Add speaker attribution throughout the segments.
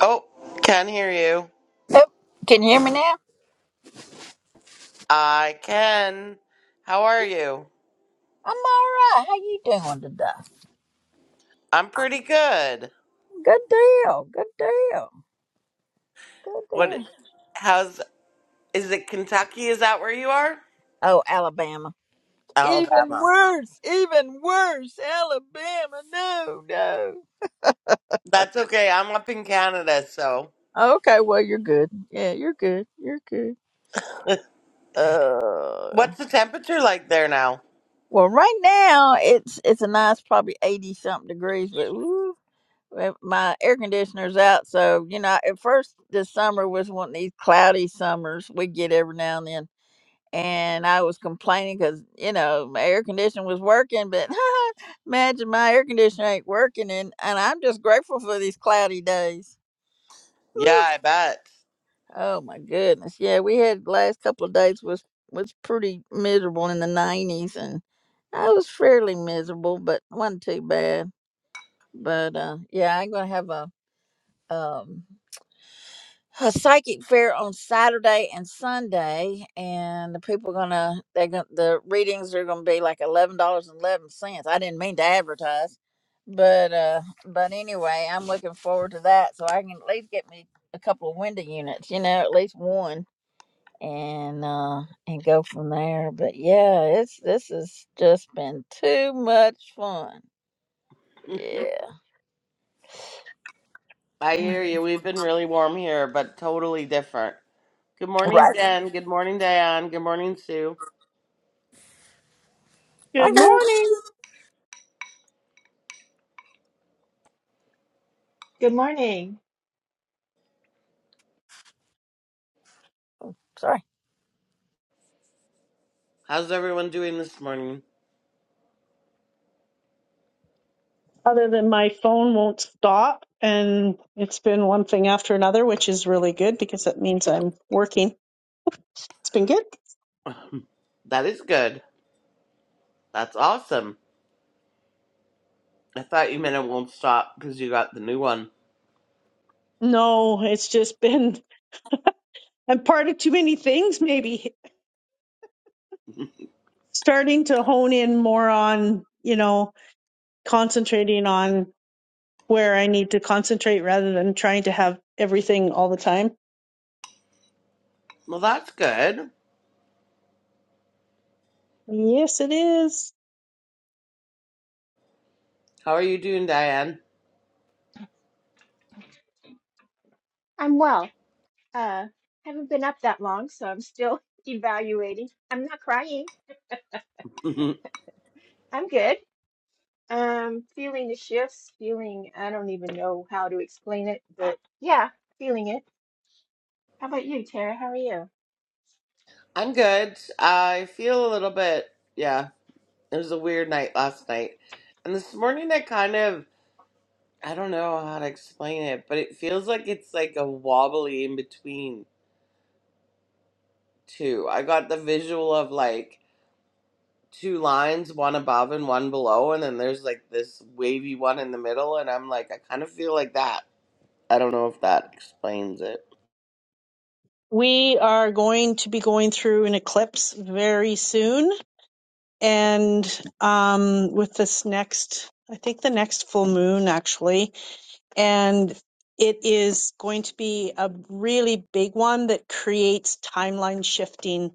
Speaker 1: Oh, can hear you.
Speaker 2: Oh, can you hear me now?
Speaker 1: I can. How are you?
Speaker 2: I'm all right. How you doing today?
Speaker 1: I'm pretty good.
Speaker 2: Good deal. Good deal. Good
Speaker 1: What?
Speaker 2: deal.
Speaker 1: How's? Is it Kentucky? Is that where you are?
Speaker 2: Oh, Alabama. Even
Speaker 1: Alabama.
Speaker 2: worse. Even worse. Alabama. No, no.
Speaker 1: That's okay. I'm up in Canada, so.
Speaker 2: Okay, well you're good. Yeah, you're good. You're good. Uh
Speaker 1: What's the temperature like there now?
Speaker 2: well right now it's it's a nice probably eighty something degrees, but ooh, well, my air conditioner's out, so you know, at first this summer was one of these cloudy summers we get every now and then and I was complaining because you know my air conditioner was working, but imagine my air conditioner ain't working, and and I'm just grateful for these cloudy days. Whew.
Speaker 1: Yeah, I bet.
Speaker 2: Oh my goodness, yeah, we had the last couple of days was was pretty miserable in the 90s, and I was fairly miserable, but wasn't too bad. But uh, yeah, I'm gonna have a um a psychic fair on Saturday and Sunday, and the people gonna they gonna the readings are gonna be like eleven dollars and eleven cents. I didn't mean to advertise, but uh, but anyway, I'm looking forward to that, so I can at least get me a couple of window units, you know, at least one, and uh, and go from there. But yeah, it's this has just been too much fun. Yeah,
Speaker 1: I
Speaker 2: Mm.
Speaker 1: hear you. We've been really warm here, but totally different. Good morning,
Speaker 2: right.
Speaker 1: Jen. Good morning, Diane. Good morning, Sue.
Speaker 2: I
Speaker 3: Good
Speaker 2: guess.
Speaker 3: morning.
Speaker 4: Good morning.
Speaker 2: Sorry.
Speaker 1: How's everyone doing this morning?
Speaker 3: Other than my phone won't stop, and it's been one thing after another, which is really good because that means I'm working. It's been good.
Speaker 1: That is good. That's awesome. I thought you meant it won't stop because you got the new one.
Speaker 3: No, it's just been I'm part of too many things, maybe starting to hone in more on, you know, concentrating on where I need to concentrate rather than trying to have everything all the time.
Speaker 1: Well, that's good.
Speaker 3: Yes, it is.
Speaker 1: How are you doing, Diane?
Speaker 4: I'm well. Uh, haven't been up that long, so I'm still evaluating. I'm not crying.
Speaker 1: I'm
Speaker 4: I'm good. Um, feeling the shifts, feeling, I don't even know how to explain it, but yeah, feeling it. How about you, Tara? How are you?
Speaker 1: good. I feel a little bit, yeah, it was a weird night last night. And this morning, I kind of, I don't know how to explain it, but it feels like it's like a wobbly in between two. I got the visual of like two lines, one above and one below, and then there's like this wavy one in the middle, and I'm like, I kind of feel like that. I don't know if that explains it.
Speaker 3: We are going to be going through an eclipse very soon and um, with this next, I think the next full moon actually, and it is going to be a really big one that creates timeline shifting.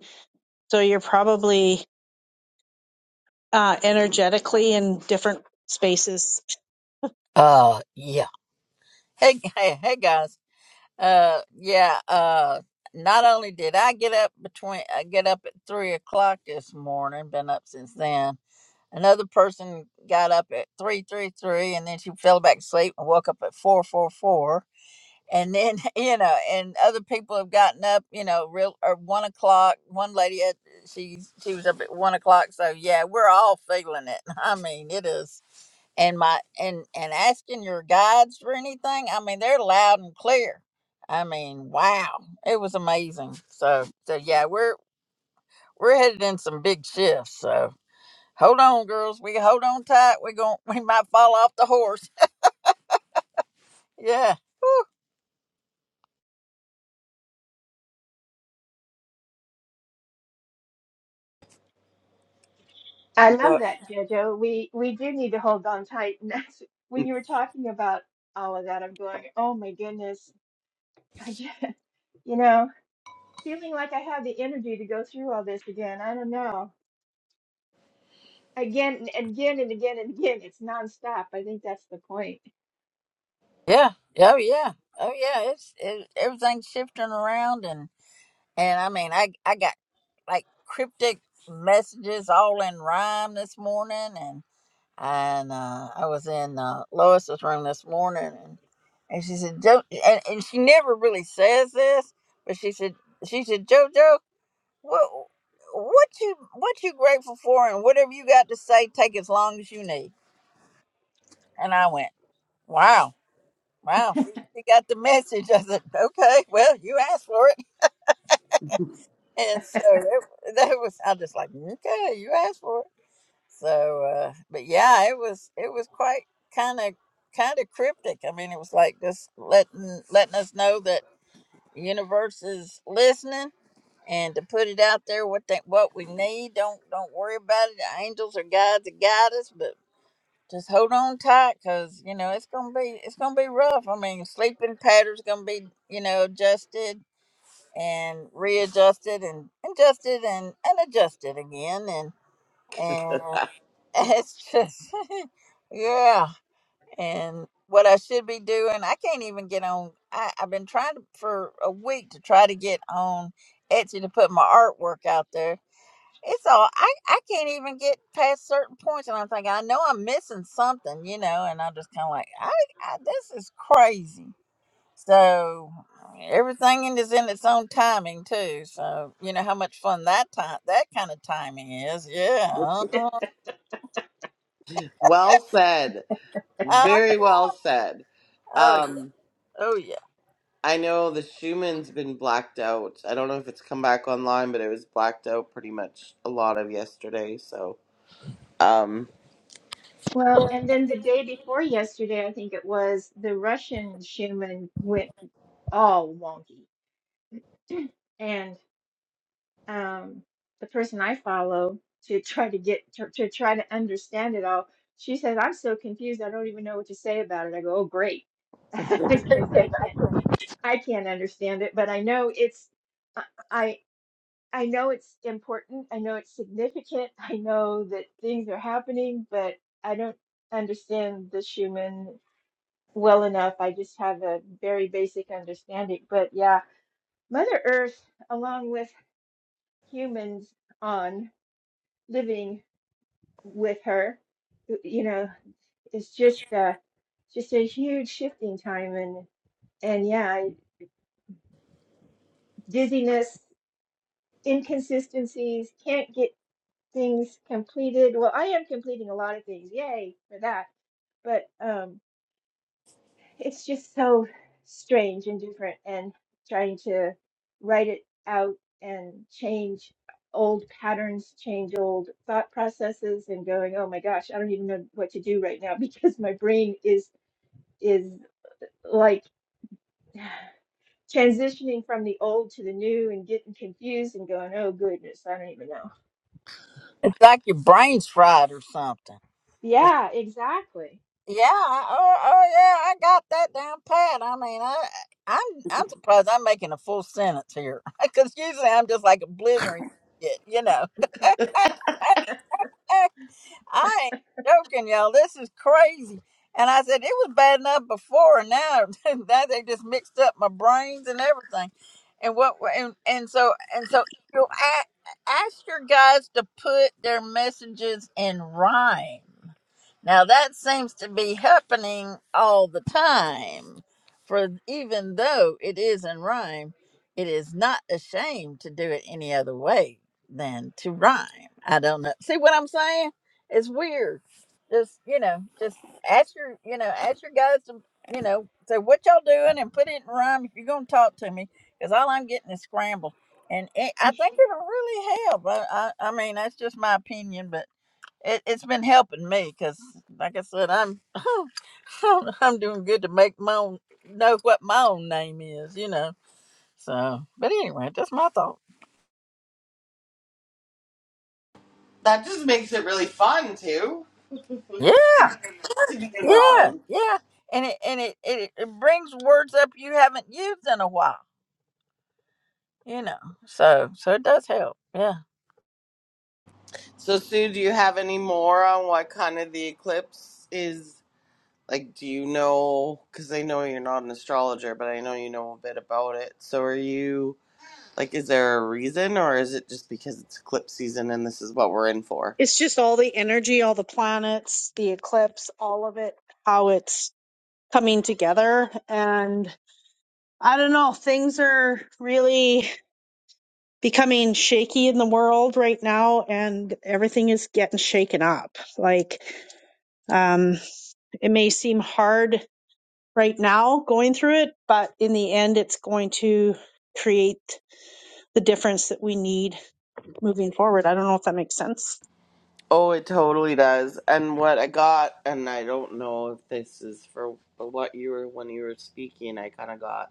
Speaker 3: So you're probably uh, energetically in different spaces.
Speaker 2: Uh, yeah. Hey, hey, hey, guys. Uh, yeah. Uh, not only did I get up between, I get up at three o'clock this morning. Been up since then. Another person got up at three three three, and then she fell back asleep and woke up at four four four and then you know and other people have gotten up you know real or one o'clock one lady at, she she was up at one o'clock so yeah we're all feeling it i mean it is and my and and asking your guides for anything i mean they're loud and clear i mean wow it was amazing so so yeah we're we're headed in some big shifts so hold on girls we hold on tight we going we might fall off the horse Yeah.
Speaker 4: I love
Speaker 1: But.
Speaker 4: that, Jojo. We we do need to hold on tight. And that's, when you were talking about all of that, I'm going, oh my goodness. I just, you know, feeling like I have the energy to go through all this again. I don't know. again and again and again and again. It's nonstop. I think that's the point.
Speaker 2: Yeah. Oh yeah. Oh yeah. It's it, everything's shifting around, and and I mean, I I got like cryptic messages all in rhyme this morning, and and uh, I was in uh, Lois's room this morning, and and she said, "Joe," and, and she never really says this, but she said, she said, JoJo, what what you what you grateful for, and whatever you got to say, take as long as you need. And I went, wow Wow, she, she got the message. I said, okay, well, you asked for it. And so it, that was, I just like, okay, you asked for it. So, uh, but yeah, it was, it was quite kind of, kind of cryptic. I mean, it was like just letting, letting us know that the universe is listening and to put it out there, what they, what we need. Don't, don't worry about it. The angels or guides to guide us, just hold on tight because you know it's gonna be it's gonna be rough i mean sleeping patterns gonna be you know adjusted and readjusted and adjusted and, and adjusted again and and it's just yeah and what i should be doing i can't even get on I, i've been trying to, for a week to try to get on etsy to put my artwork out there it's all I, I can't even get past certain points, and I'm thinking I know I'm missing something, you know, and I'm just kind of like, I, I this is crazy. So everything is in its own timing too. So you know how much fun that time that kind of timing is. Yeah. Uh-huh.
Speaker 1: Well said.
Speaker 2: Uh,
Speaker 1: Very well said.
Speaker 2: oh yeah.
Speaker 1: Um,
Speaker 2: Oh yeah.
Speaker 1: I know the Schumann's been blacked out. I don't know if it's come back online, but it was blacked out pretty much a lot of yesterday. So um,
Speaker 4: Well, and then the day before yesterday, I think it was the Russian Schumann went all wonky, and um, the person I follow to try to get to, to try to understand it all, she says, "I'm so confused. I don't even know what to say about it." I go, "Oh, great," because I can't I can't understand it, but I know it's. I I know it's important. I know it's significant. I know that things are happening, but I don't understand the human well enough. I just have a very basic understanding. But yeah, Mother Earth, along with humans on living with her, you know, it's just uh, just a huge shifting time and and yeah, dizziness, inconsistencies, can't get things completed. Well, I am completing a lot of things. Yay for that. But um, it's just so strange and different and trying to write it out and change old patterns, change old thought processes and going, oh my gosh, I don't even know what to do right now because my brain is is like transitioning from the old to the new and getting confused and going, oh goodness, I don't even know.
Speaker 2: It's like your brain's fried or something.
Speaker 4: Yeah, exactly.
Speaker 2: Yeah, oh, oh yeah, I got that down pat. I mean, I, I'm I'm surprised I'm making a full sentence here because usually I'm just like a blithering shit, you know. I ain't joking, y'all. This is crazy. And I said it was bad enough before, and now now they just mixed up my brains and everything. And what and and so and so you a- ask your guys to put their messages in rhyme. Now that seems to be happening all the time. For even though it is in rhyme, it is not ashamed to do it any other way than to rhyme. I don't know. See what I'm saying? It's weird. Just you know, just ask your you know, ask your guys to you know, say what y'all doing and put it in rhyme if you're gonna talk to me, because all I'm getting is scramble. And it, I think it'll really help. I, I, I mean, that's just my opinion, but it, it's been helping me because, like I said, I'm, I'm I'm doing good to make my own know what my own name is, you know. So, but anyway, that's my thought.
Speaker 1: that just makes it really fun too
Speaker 2: Yeah,
Speaker 1: to be in
Speaker 2: yeah,
Speaker 1: rhyme.
Speaker 2: yeah, and it and it it, it brings words up you haven't used in a while, you know. So so it does help. Yeah.
Speaker 1: So Sue, do you have any more on what kind of the eclipse is? Like, do you know? Because I know you're not an astrologer, but I know you know a bit about it. So are you? Like, is there a reason, or is it just because it's eclipse season and this is what we're in for?
Speaker 3: It's just all the energy, all the planets, the eclipse, all of it, how it's coming together. And I don't know, things are really becoming shaky in the world right now, and everything is getting shaken up. Like, um, it may seem hard right now going through it, but in the end, it's going to create the difference that we need moving forward. I don't know if that makes sense.
Speaker 1: Oh, it totally does. And what I got, and I don't know if this is for what you were when you were speaking. I kind of got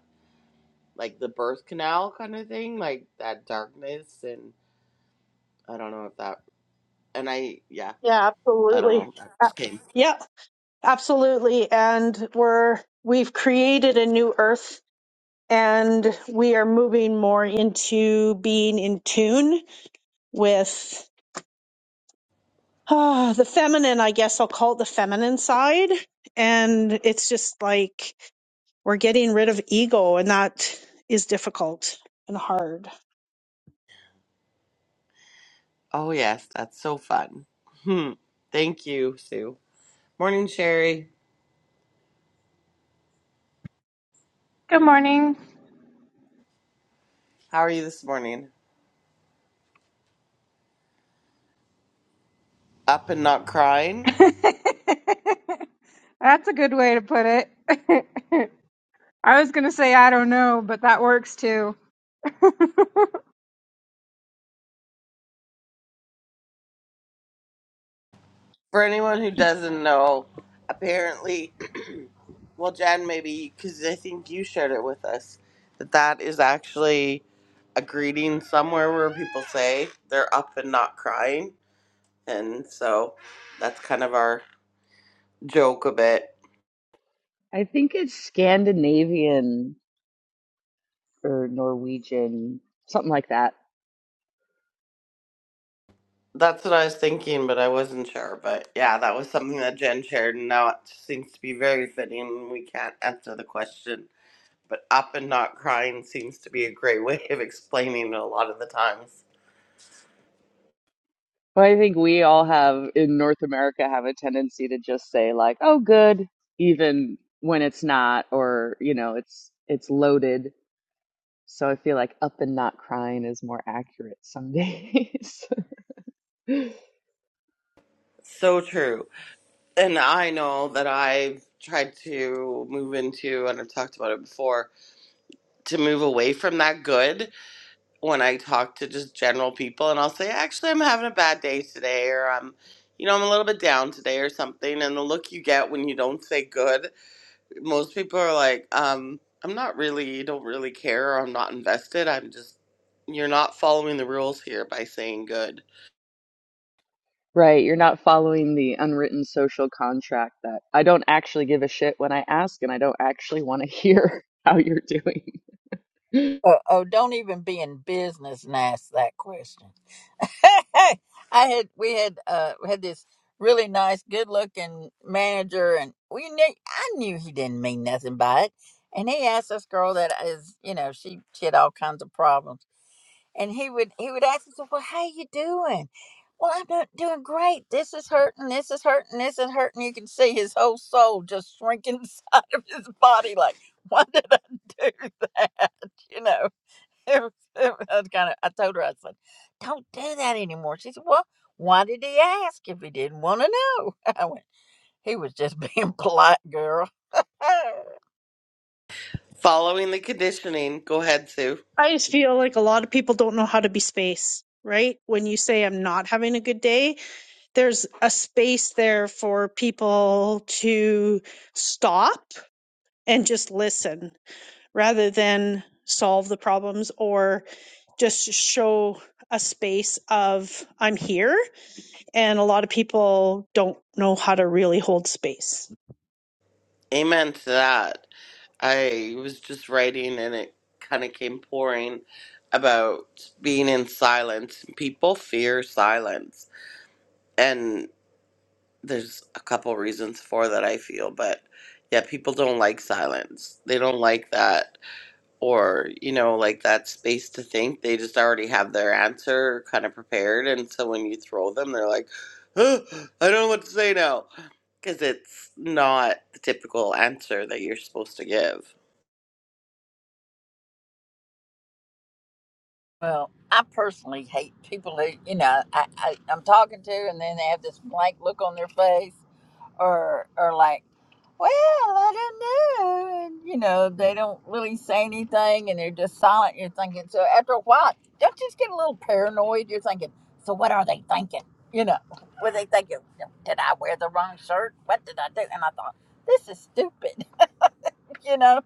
Speaker 1: like the birth canal kind of thing, like that darkness, and I don't know if that. And I, yeah,
Speaker 3: Yeah,
Speaker 1: I don't
Speaker 3: absolutely.
Speaker 1: know. That
Speaker 3: Uh,
Speaker 1: just came.
Speaker 3: Yep. Absolutely. And we're, we've created a new earth and we are moving more into being in tune with ah, the feminine, I guess I'll call it the feminine side. And it's just like we're getting rid of ego and that is difficult and hard.
Speaker 1: Oh yes, that's so fun. Hmm. Thank you, Sue. Morning, Sherry.
Speaker 5: Good morning.
Speaker 1: How are you this morning? Up and not crying?
Speaker 5: That's a good way to put it. I was going to say I don't know, but that works too.
Speaker 1: For anyone who doesn't know, apparently, well, Jen, maybe because I think you shared it with us that that is actually a greeting somewhere where people say they're up and not crying, and so that's kind of our joke a bit.
Speaker 6: I think it's Scandinavian or Norwegian, something like that.
Speaker 1: That's what I was thinking, but I wasn't sure. But yeah, that was something that Jen shared, and now it seems to be very fitting. We can't answer the question, but up and not crying seems to be a great way of explaining it a lot of the times.
Speaker 6: But I think we all have in North America have a tendency to just say like, "Oh, good," even when it's not, or you know, it's it's loaded. So I feel like "up and not crying" is more accurate some days.
Speaker 1: So true. and I know that I've tried to move into, and I've talked about it before, to move away from that good when I talk to just general people. And I'll say, actually, I'm having a bad day today, or I'm, you know, I'm a little bit down today, or something. And the look you get when you don't say good, most people are like, um, I'm not really, don't really care, or I'm not invested. I'm just, you're not following the rules here by saying good.
Speaker 6: Right, you're not following the unwritten social contract that I don't actually give a shit when I ask, and I don't actually want to hear how you're doing.
Speaker 2: Oh, oh don't even be in business and ask that question. I had we had uh we had this really nice, good looking manager, and we knew I knew he didn't mean nothing by it. And he asked this girl that is, you know, she she had all kinds of problems, and he would he would ask us, "Well, how you doing?" Well, I'm not doing great. This is hurting. This is hurting. This is hurting. You can see his whole soul just shrinking inside of his body. Like, why did I do that? You know it was, it was kind of, I told her, I said, don't do that anymore. She said, well, why did he ask if he didn't want to know? I went, he was just being polite, girl.
Speaker 1: Following the conditioning. Go ahead, Sue.
Speaker 3: I just feel like a lot of people don't know how to be space, right? When you say I'm not having a good day, there's a space there for people to stop and just listen rather than solve the problems or just show a space of I'm here. And a lot of people don't know how to really hold space.
Speaker 1: Amen to that. I was just writing and it kind of came pouring about being in silence. People fear silence. And there's a couple reasons for that I feel, but yeah, people don't like silence. They don't like that or, you know, like that space to think. They just already have their answer kind of prepared. And so when you throw them, they're like, "Huh, I don't know what to say now. Because it's not the typical answer that you're supposed to give.
Speaker 2: well, I personally hate people who, you know, I, I, I'm talking to and then they have this blank look on their face or or like, well, I don't know, and you know they don't really say anything, and they're just silent. You're thinking so after a while, don't you just get a little paranoid? You're thinking, so what are they thinking? You know, were they thinking, "Well, did I wear the wrong shirt? What did I do? And I thought, this is stupid. you know,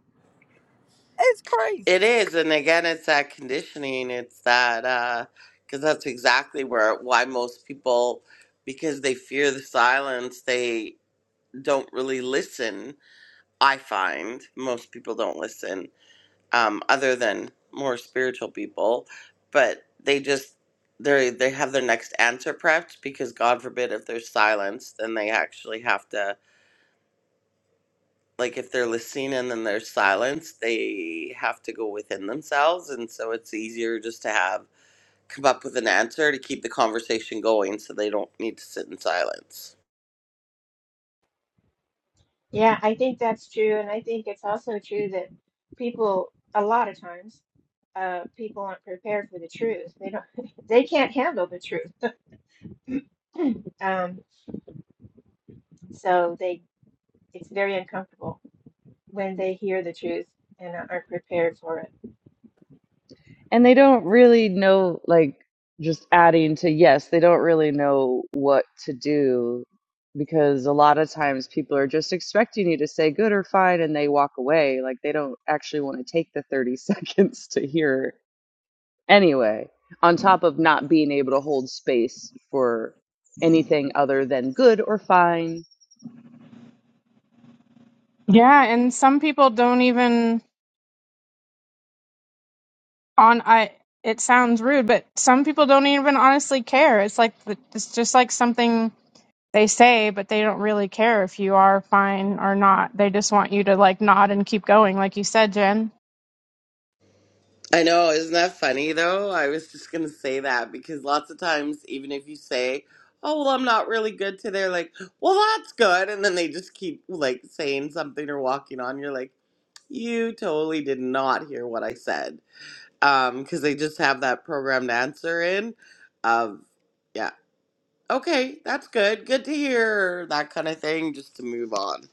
Speaker 2: it's crazy.
Speaker 1: It is, and again, it's that conditioning. It's that because that's exactly where why most people, because they fear the silence, they don't really listen. I find most people don't listen, um, other than more spiritual people, but they just they they have their next answer prepped because God forbid if there's silence, then they actually have to. like if they're listening and then there's silence, they have to go within themselves, and so it's easier just to have come up with an answer to keep the conversation going, so they don't need to sit in silence.
Speaker 4: Yeah, I think that's true. And I think it's also true that people, a lot of times, uh, people aren't prepared for the truth. They don't, they can't handle the truth. Um, so they, it's very uncomfortable when they hear the truth and aren't prepared for it.
Speaker 6: and they don't really know like just adding to yes they don't really know what to do because a lot of times people are just expecting you to say good or fine and they walk away like they don't actually want to take the 30 seconds to hear anyway on top of not being able to hold space for anything other than good or fine
Speaker 5: Yeah, and some people don't even on I it sounds rude, but some people don't even honestly care. It's like the- it's just like something they say, but they don't really care if you are fine or not. They just want you to like nod and keep going like you said, Jen.
Speaker 1: I know, isn't that funny though? I was just gonna say that because lots of times, even if you say, "Oh well, I'm not really good today," they're like, "Well, that's good," and then they just keep like saying something or walking on. You're like, "You totally did not hear what I said." um because they just have that programmed answer in of, yeah okay that's good good to hear that kind of thing just to move on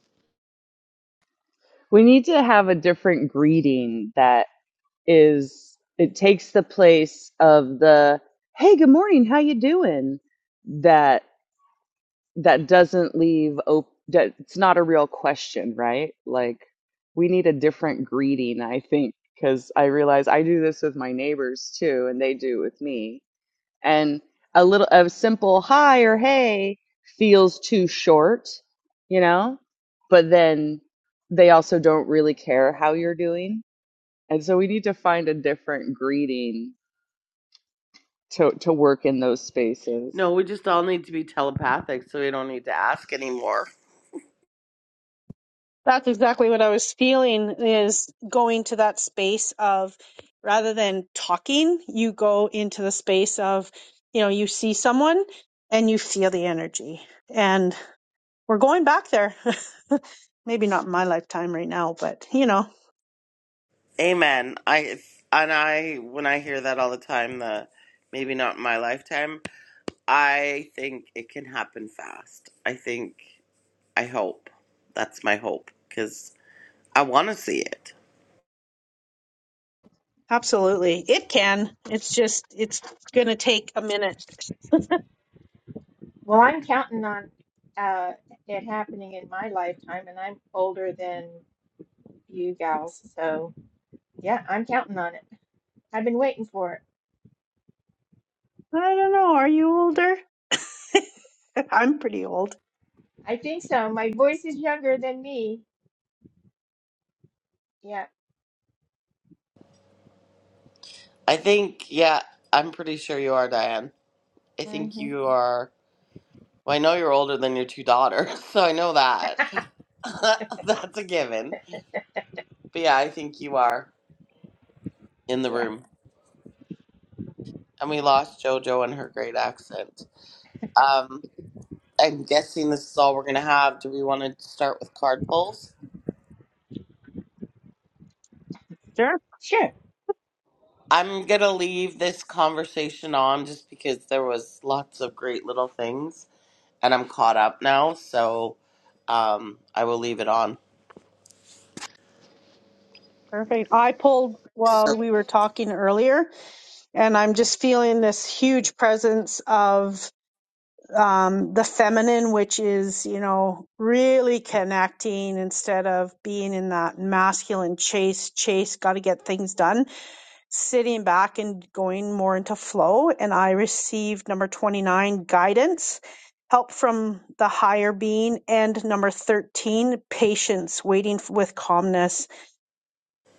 Speaker 6: we need to have a different greeting that. is it takes the place of the hey good morning how you doing that that doesn't leave op- that it's not a real question right like we need a different greeting i think because i realize i do this with my neighbors too and they do it with me and a little a simple hi or hey feels too short you know but then they also don't really care how you're doing and so we need to find a different greeting to, to work in those spaces.
Speaker 1: no we just all need to be telepathic so we don't need to ask anymore
Speaker 3: That's exactly what I was feeling is going to that space of rather than talking, you go into the space of, you know, you see someone and you feel the energy. And we're going back there. Maybe not in my lifetime right now, but you know,
Speaker 1: amen i and i when i hear that all the time the maybe not in my lifetime i think it can happen fast i think i hope that's my hope because i want to see it
Speaker 3: absolutely. It can. It's just, it's going to take a minute.
Speaker 4: Well, I'm counting on uh, it happening in my lifetime, and I'm older than you gals. So yeah, I'm counting on it. I've been waiting for it.
Speaker 3: I don't know. Are you older? I'm pretty old.
Speaker 4: I think so. My voice is younger than me. Yeah.
Speaker 1: i think yeah i'm pretty sure you are diane I think
Speaker 4: hmm
Speaker 1: you are. Well, I know you're older than your two daughters, so I know that. That's a given. But yeah, I think you are in the room. And we lost JoJo and her great accent. Um, I'm guessing this is all we're going to have. Do we want to start with card pulls?
Speaker 3: Sure.
Speaker 4: Sure.
Speaker 1: I'm going to leave this conversation on just because there was lots of great little things and I'm caught up now. So um, I will leave it on.
Speaker 3: Perfect. I pulled while we were talking earlier, and I'm just feeling this huge presence of um, the feminine, which is, you know, really connecting instead of being in that masculine chase, chase, got to get things done, sitting back and going more into flow. And I received number 29, guidance, help from the higher being, and number 13, patience, waiting f- with calmness.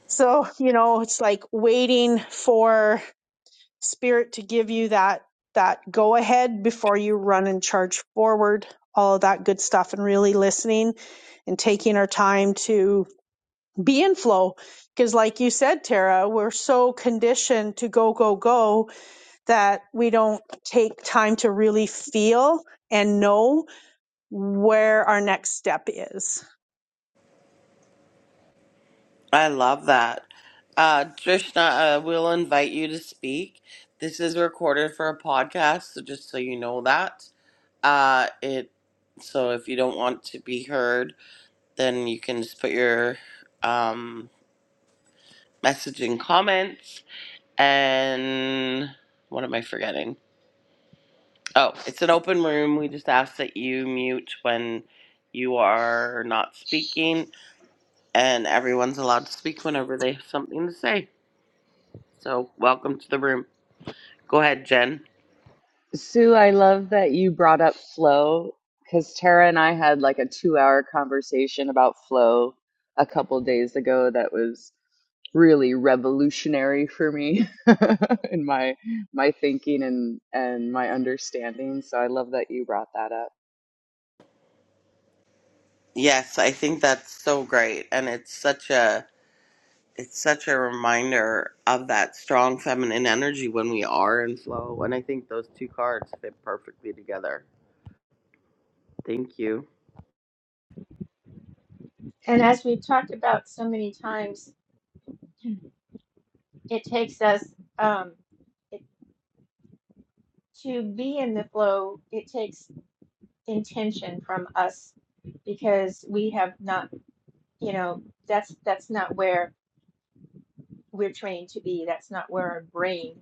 Speaker 3: So, you know, it's like waiting for spirit to give you that that go ahead before you run and charge forward all of that good stuff and really listening and taking our time to be in flow because like you said tara we're so conditioned to go go go that we don't take time to really feel and know where our next step is
Speaker 1: I love that. Uh, Trishna, uh, we'll invite you to speak. This is recorded for a podcast, so just so you know that. Uh, it so if you don't want to be heard, then you can just put your um, message in comments. And what am I forgetting? Oh, it's an open room. We just ask that you mute when you are not speaking, and everyone's allowed to speak whenever they have something to say. So, welcome to the room. Go ahead, Jen.
Speaker 6: Sue, I love that you brought up flow because Tara and I had like a two hour conversation about flow a couple days ago that was really revolutionary for me in my my thinking and and my understanding so i love that you brought that up
Speaker 1: Yes, I think that's so great and it's such a it's such a reminder of that strong feminine energy when we are in flow and I think those two cards fit perfectly together. Thank you.
Speaker 4: And as we've talked about so many times, it takes us um, it, to be in the flow, it takes intention from us because we have not, you know, that's that's not where we're trained to be. That's not where our brain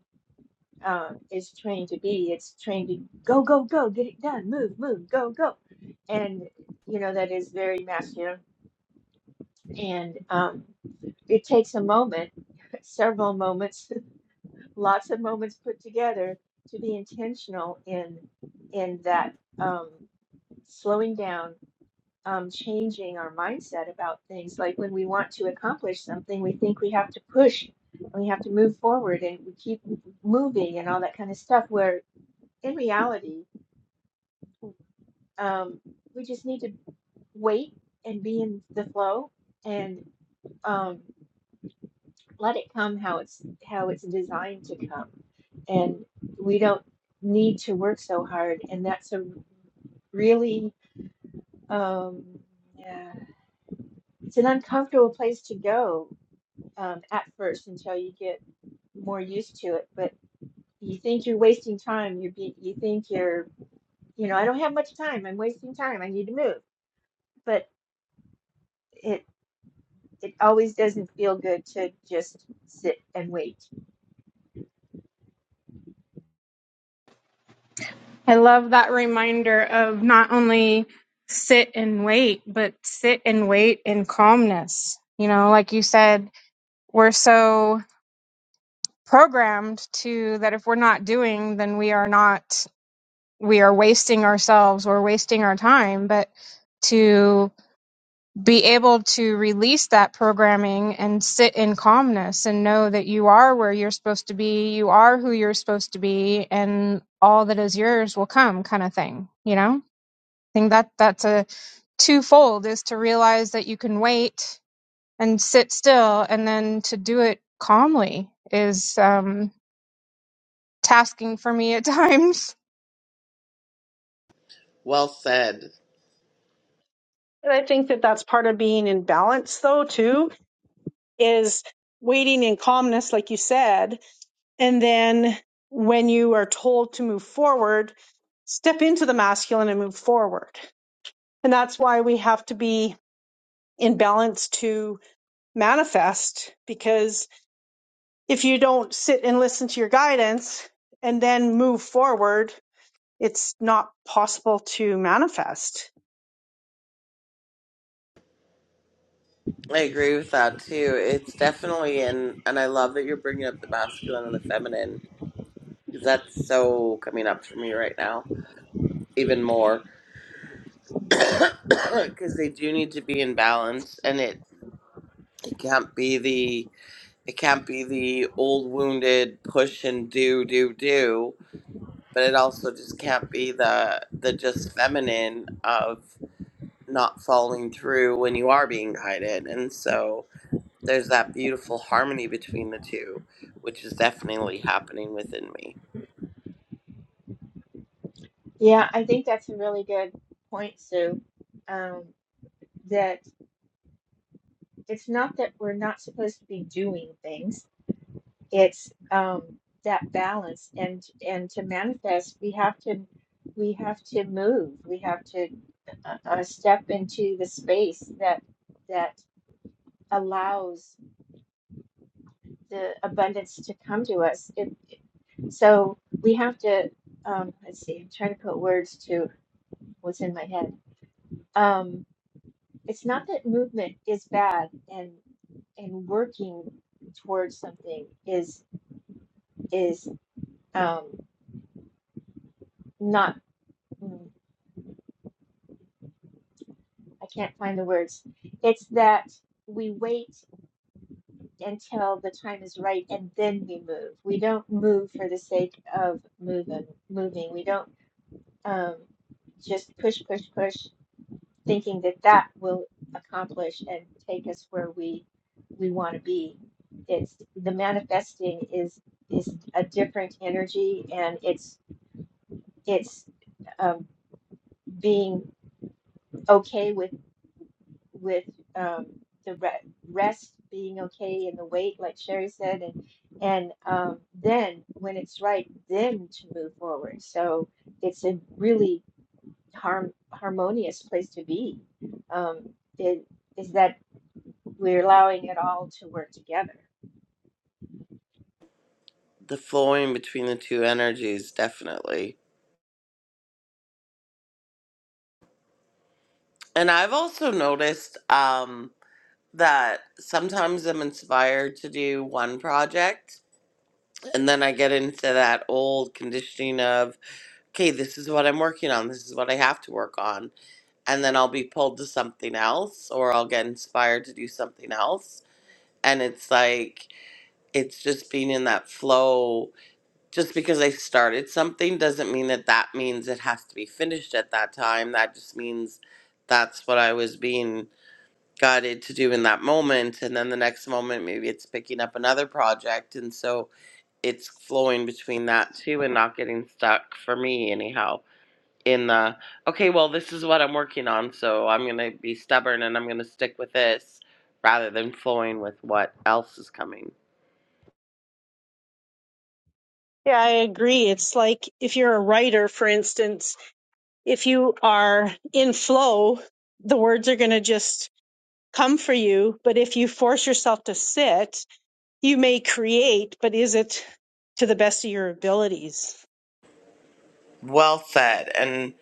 Speaker 4: um, is trained to be. It's trained to go, go, go, get it done, move, move, go, go. And, you know, that is very masculine. And um, it takes a moment, several moments lots of moments put together to be intentional in in that um, slowing down um, changing our mindset about things like when we want to accomplish something we think we have to push and we have to move forward and we keep moving and all that kind of stuff where in reality um, we just need to wait and be in the flow and um, let it come how it's how it's designed to come and we don't need to work so hard. And that's a really, um, yeah, it's an uncomfortable place to go um, at first until you get more used to it. But you think you're wasting time. You be, you think you're, you know, I don't have much time. I'm wasting time. I need to move. But it it always doesn't feel good to just sit and wait.
Speaker 5: I love that reminder of not only sit and wait, but sit and wait in calmness. You know, like you said, we're so programmed to that if we're not doing, then we are not, we are wasting ourselves, we're wasting our time. But to be able to release that programming and sit in calmness and know that you are where you're supposed to be, you are who you're supposed to be, and all that is yours will come, kind of thing, you know? think that that's a twofold is to realize that you can wait and sit still and then to do it calmly is um tasking for me at times
Speaker 1: Well said.
Speaker 3: and i think that that's part of being in balance though too is waiting in calmness, like you said. And then when you are told to move forward, step into the masculine and move forward. And that's why we have to be in balance to manifest, because if you don't sit and listen to your guidance and then move forward, it's not possible to manifest.
Speaker 1: I agree with that too. It's definitely in and I love that you're bringing up the masculine and the feminine cuz that's so coming up for me right now even more cuz they do need to be in balance and it, it can't be It can't be the old wounded push and do do do, but it also just can't be the the just feminine of not following through when you are being guided. And so there's that beautiful harmony between the two, which is definitely happening within me.
Speaker 4: Yeah, I think that's a really good point, Sue. Um, that it's not that we're not supposed to be doing things it's um that balance and and to manifest we have to we have to move we have to uh, uh, step into the space that that allows the abundance to come to us it, so we have to um let's see i'm trying to put words to what's in my head um it's not that movement is bad and and working towards something is is um, not, mm, I can't find the words. It's that we wait until the time is right and then we move. We don't move for the sake of moving. Moving. We don't um, just push, push, push, thinking that that will accomplish and take us where we we want to be. It's the manifesting is is a different energy and it's it's um, being okay with with um, the re- rest being okay and the weight, like Sherry said, and and um, then when it's right, then to move forward. So it's a really harm harmonious place to be. Um, it, is that we're allowing it all to work together.
Speaker 1: The flowing between the two energies definitely. And I've also noticed um that sometimes I'm inspired to do one project And then I get into that old conditioning of, okay, this is what I'm working on. This is what I have to work on. And then I'll be pulled to something else or I'll get inspired to do something else. And it's like, it's just being in that flow. Just because I started something doesn't mean that that means it has to be finished at that time. That just means that's what I was being guided to do in that moment. And then the next moment, maybe it's picking up another project. And so, it's flowing between that too and not getting stuck for me anyhow in the okay well this is what i'm working on so i'm going to be stubborn and i'm going to stick with this rather than flowing with what else is coming
Speaker 3: Yeah, I agree. It's like if you're a writer, for instance, if you are in flow, the words are going to just come for you. But if you force yourself to sit, you may create, but is it to the best of your abilities?
Speaker 1: well said and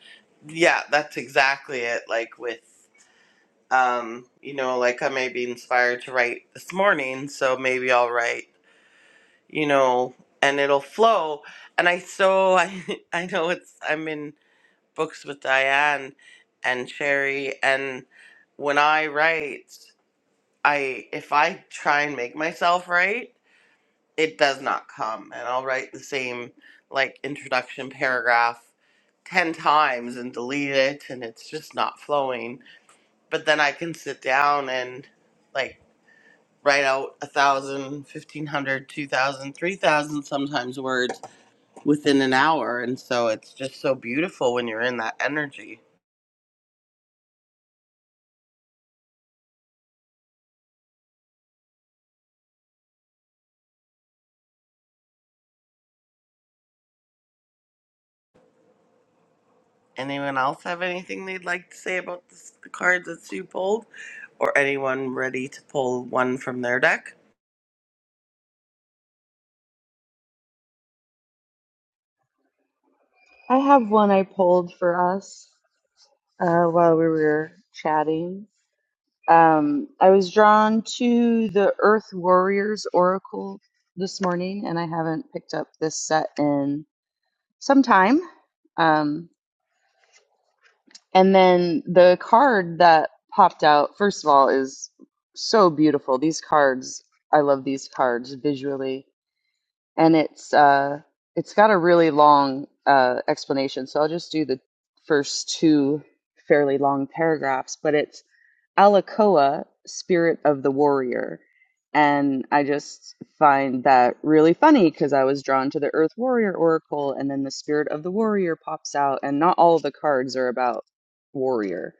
Speaker 1: yeah that's exactly it like with um you know like i may be inspired to write this morning so maybe i'll write you know and it'll flow and i so i i know it's i'm in books with Diane and Sherry and when I write, I if I try and make myself write, it does not come and I'll write the same like introduction paragraph 10 times and delete it and it's just not flowing. But then I can sit down and like write out a thousand, fifteen hundred, two thousand, three thousand sometimes words within an hour and so it's just so beautiful when you're in that energy. Anyone else have anything they'd like to say about this, the cards that Sue pulled? Or anyone ready to pull one from their deck?
Speaker 6: i have one i pulled for us uh, while we were chatting Um, I was drawn to the Earth Warriors Oracle this morning, and I haven't picked up this set in some time. Um, and then the card that popped out, first of all, is so beautiful. These cards, I love these cards visually and it's uh, it's got a really long uh, explanation. So I'll just do the first two fairly long paragraphs, but it's Alakoa, spirit of the warrior. And I just find that really funny because I was drawn to the Earth Warrior Oracle, and then the spirit of the warrior pops out, and not all of the cards are about warrior.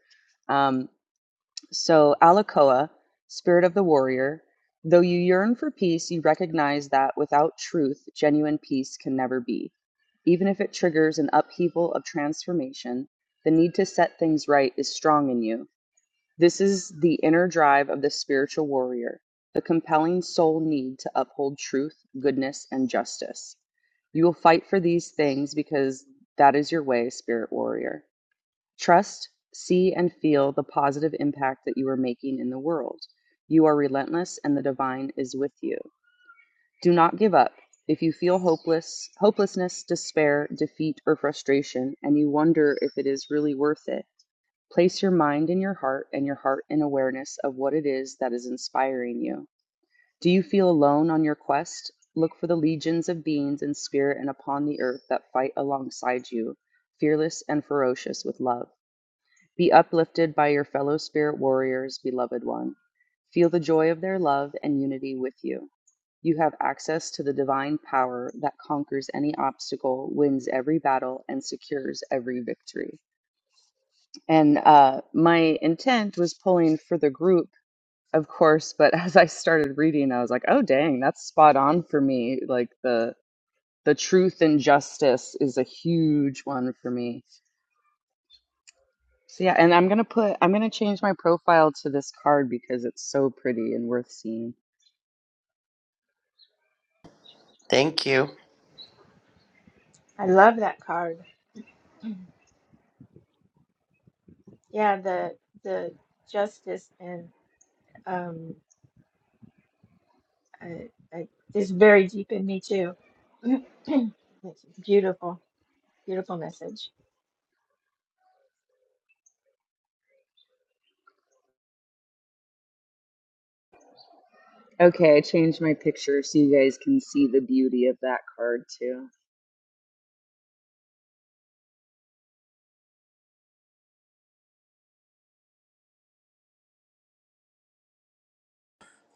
Speaker 6: Um, so, Alakoa, spirit of the warrior, though you yearn for peace, you recognize that without truth, genuine peace can never be. Even if it triggers an upheaval of transformation, the need to set things right is strong in you. This is the inner drive of the spiritual warrior, the compelling soul need to uphold truth, goodness, and justice. You will fight for these things because that is your way, spirit warrior. Trust, see, and feel the positive impact that you are making in the world. You are relentless, and the divine is with you. Do not give up. If you feel hopeless, hopelessness, despair, defeat, or frustration, and you wonder if it is really worth it, place your mind in your heart and your heart in awareness of what it is that is inspiring you. Do you feel alone on your quest? Look for the legions of beings in spirit and upon the earth that fight alongside you, fearless and ferocious with love. Be uplifted by your fellow spirit warriors, beloved one. Feel the joy of their love and unity with you. You have access to the divine power that conquers any obstacle, wins every battle, and secures every victory. And uh, my intent was pulling for the group, of course, but as I started reading, I was like, oh, dang, that's spot on for me. Like the the truth and justice is a huge one for me So yeah, and I'm gonna put I'm gonna change my profile to this card because it's so pretty and worth seeing.
Speaker 1: Thank you.
Speaker 4: I love that card. Yeah, the the justice and um, I, I, it's very deep in me too. It's beautiful, beautiful message.
Speaker 6: Okay, I changed my picture so you guys can see the beauty of that card too.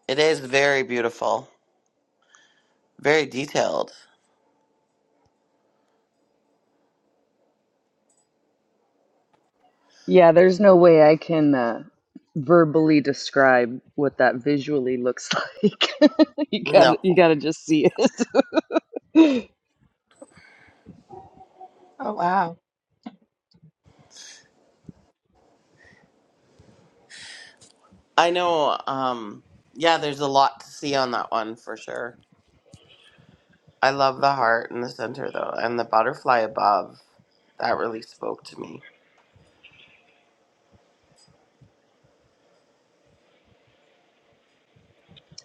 Speaker 1: It is very beautiful, very detailed.
Speaker 6: Yeah, there's no way I can uh, verbally describe what that visually looks like. you gotta you
Speaker 1: No.
Speaker 6: gotta just see it.
Speaker 4: Oh, wow.
Speaker 1: I know, um, yeah, there's a lot to see on that one for sure. I love the heart in the center though, and the butterfly above. That really spoke to me.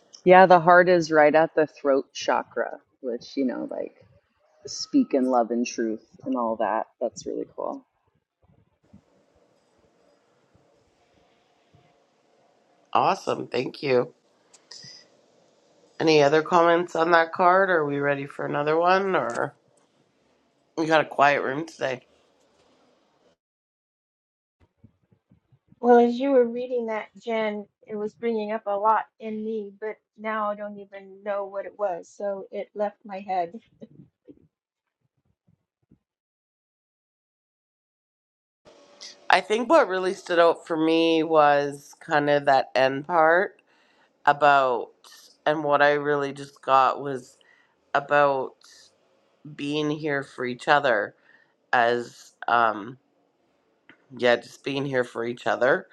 Speaker 6: yeah, the heart is right at the throat chakra, which you know, like speak in love and truth and all that. That's really cool.
Speaker 1: Awesome. Thank you. Any other comments on that card? Are we ready for another one? Or we got a quiet room today?
Speaker 4: Well, as you were reading that, Jen, it was bringing up a lot in me, but now I don't even know what it was. So it left my head.
Speaker 1: I think what really stood out for me was kind of that end part about, and what I really just got was about being here for each other as, um, yeah, just being here for each other.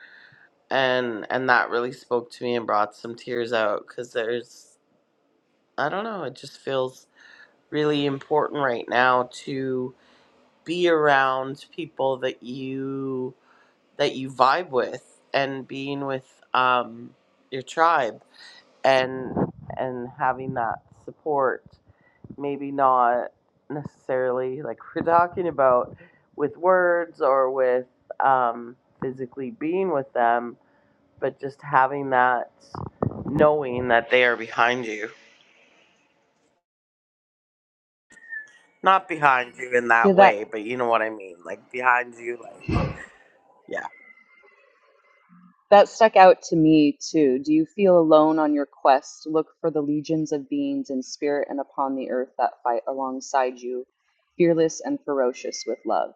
Speaker 1: And, and that really spoke to me and brought some tears out because there's, I don't know, it just feels really important right now to be around people that you that you vibe with and being with um, your tribe and and having that support maybe not necessarily like we're talking about with words or with um, physically being with them but just having that knowing that they are behind you not behind you in
Speaker 6: Yeah,
Speaker 1: that
Speaker 6: that
Speaker 1: way but you know what i mean like behind you like yeah
Speaker 6: That stuck out to me too. Do you feel alone on your quest? Look for the legions of beings in spirit and upon the earth that fight alongside you, fearless and ferocious with love.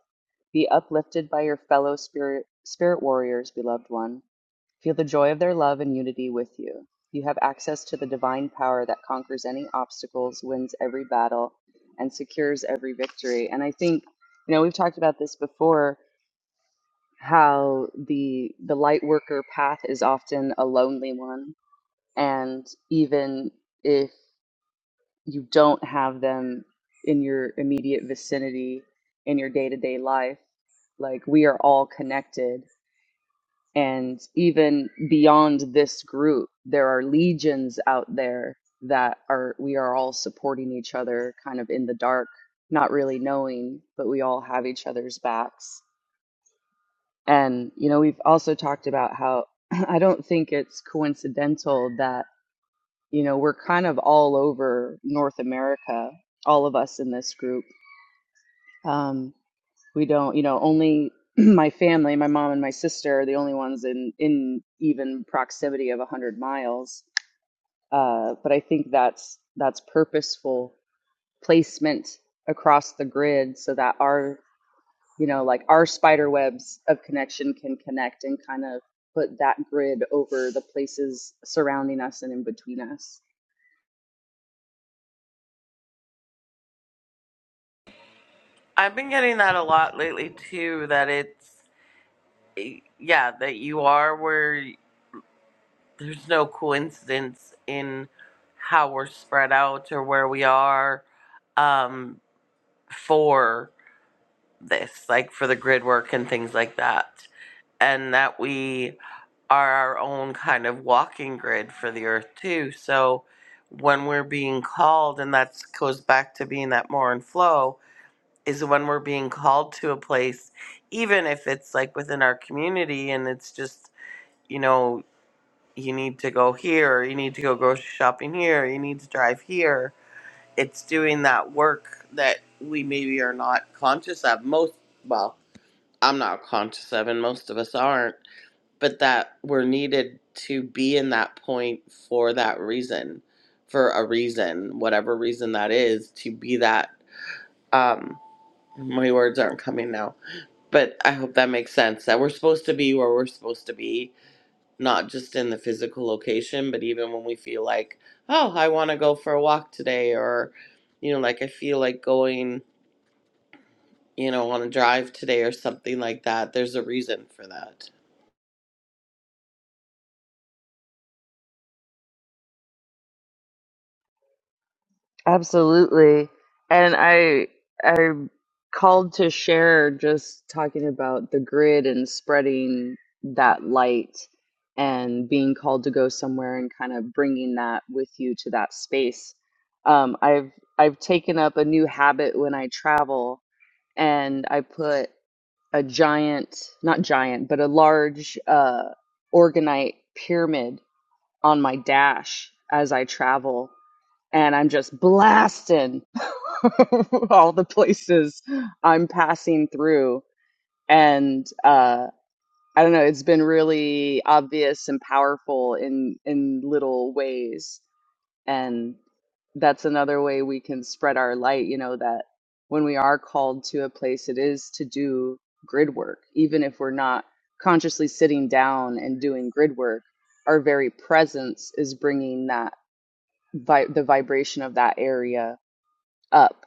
Speaker 6: Be uplifted by your fellow spirit spirit warriors, beloved one. Feel the joy of their love and unity with you. You have access to the divine power that conquers any obstacles, wins every battle, and secures every victory. And I think, you know, we've talked about this before how the the light worker path is often a lonely one and even if you don't have them in your immediate vicinity in your day-to-day life like we are all connected and even beyond this group there are legions out there that are we are all supporting each other kind of in the dark not really knowing but we all have each other's backs And, you know, we've also talked about how I don't think it's coincidental that, you know, we're kind of all over North America, all of us in this group. Um, we don't, you know, only my family, my mom and my sister are the only ones in, in even proximity of 100 miles. Uh, but I think that's that's purposeful placement across the grid so that our you know, like our spider webs of connection can connect and kind of put that grid over the places surrounding us and in between us.
Speaker 1: i've been getting that a lot lately too that it's yeah, that you are where there's no coincidence in how we're spread out or where we are um, for this, like for the grid work and things like that. And that we are our own kind of walking grid for the earth too. So when we're being called, and that goes back to being that more in flow, is when we're being called to a place, even if it's like within our community and it's just, you know, you need to go here, you need to go grocery shopping here, you need to drive here. It's doing that work that we maybe are not conscious of. Most, well, I'm not conscious of, and most of us aren't, but that we're needed to be in that point for that reason, for a reason, whatever reason that is, to be that. Um, my words aren't coming now, but I hope that makes sense that we're supposed to be where we're supposed to be not just in the physical location, but even when we feel like, oh, I want to go for a walk today, or, you know, like I feel like going, you know, on a drive today or something like that. There's a reason for that.
Speaker 6: Absolutely. And I I called to share just talking about the grid and spreading that light and being called to go somewhere and kind of bringing that with you to that space. Um, I've I've taken up a new habit when I travel and I put a giant, not giant, but a large uh, organite pyramid on my dash as I travel. And I'm just blasting all the places I'm passing through. And uh, I don't know, it's been really obvious and powerful in, in little ways. And that's another way we can spread our light, you know, that when we are called to a place, it is to do grid work, even if we're not consciously sitting down and doing grid work. Our very presence is bringing that vi- the vibration of that area up,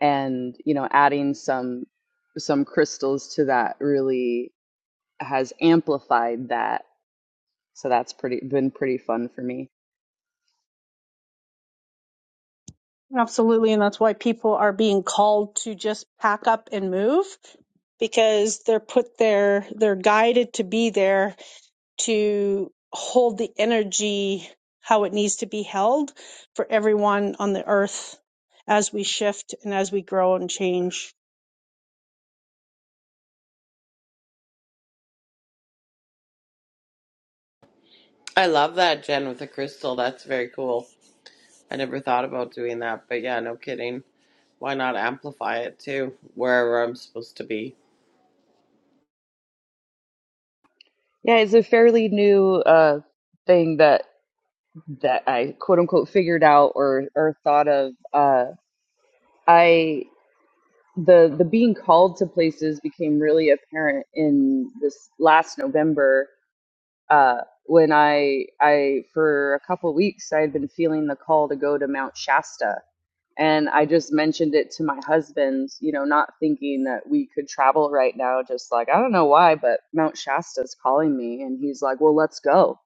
Speaker 6: and you know, adding some some crystals to that really has amplified that. So that's pretty been pretty fun for me.
Speaker 3: Absolutely. And that's why people are being called to just pack up and move because they're put there, they're guided to be there to hold the energy how it needs to be held for everyone on the earth as we shift and as we grow and change.
Speaker 1: I love that, Jen, with the crystal. That's very cool. I never thought about doing that, but yeah, no kidding. Why not amplify it too, wherever I'm supposed to be?
Speaker 6: Yeah, it's a fairly new uh, thing that. that I quote unquote figured out or or thought of. Uh, I the the being called to places became really apparent in this last November uh, when I I for a couple weeks I had been feeling the call to go to Mount Shasta. And I just mentioned it to my husband, you know, not thinking that we could travel right now, just like, I don't know why, but Mount Shasta's calling me. And he's like, well, let's go.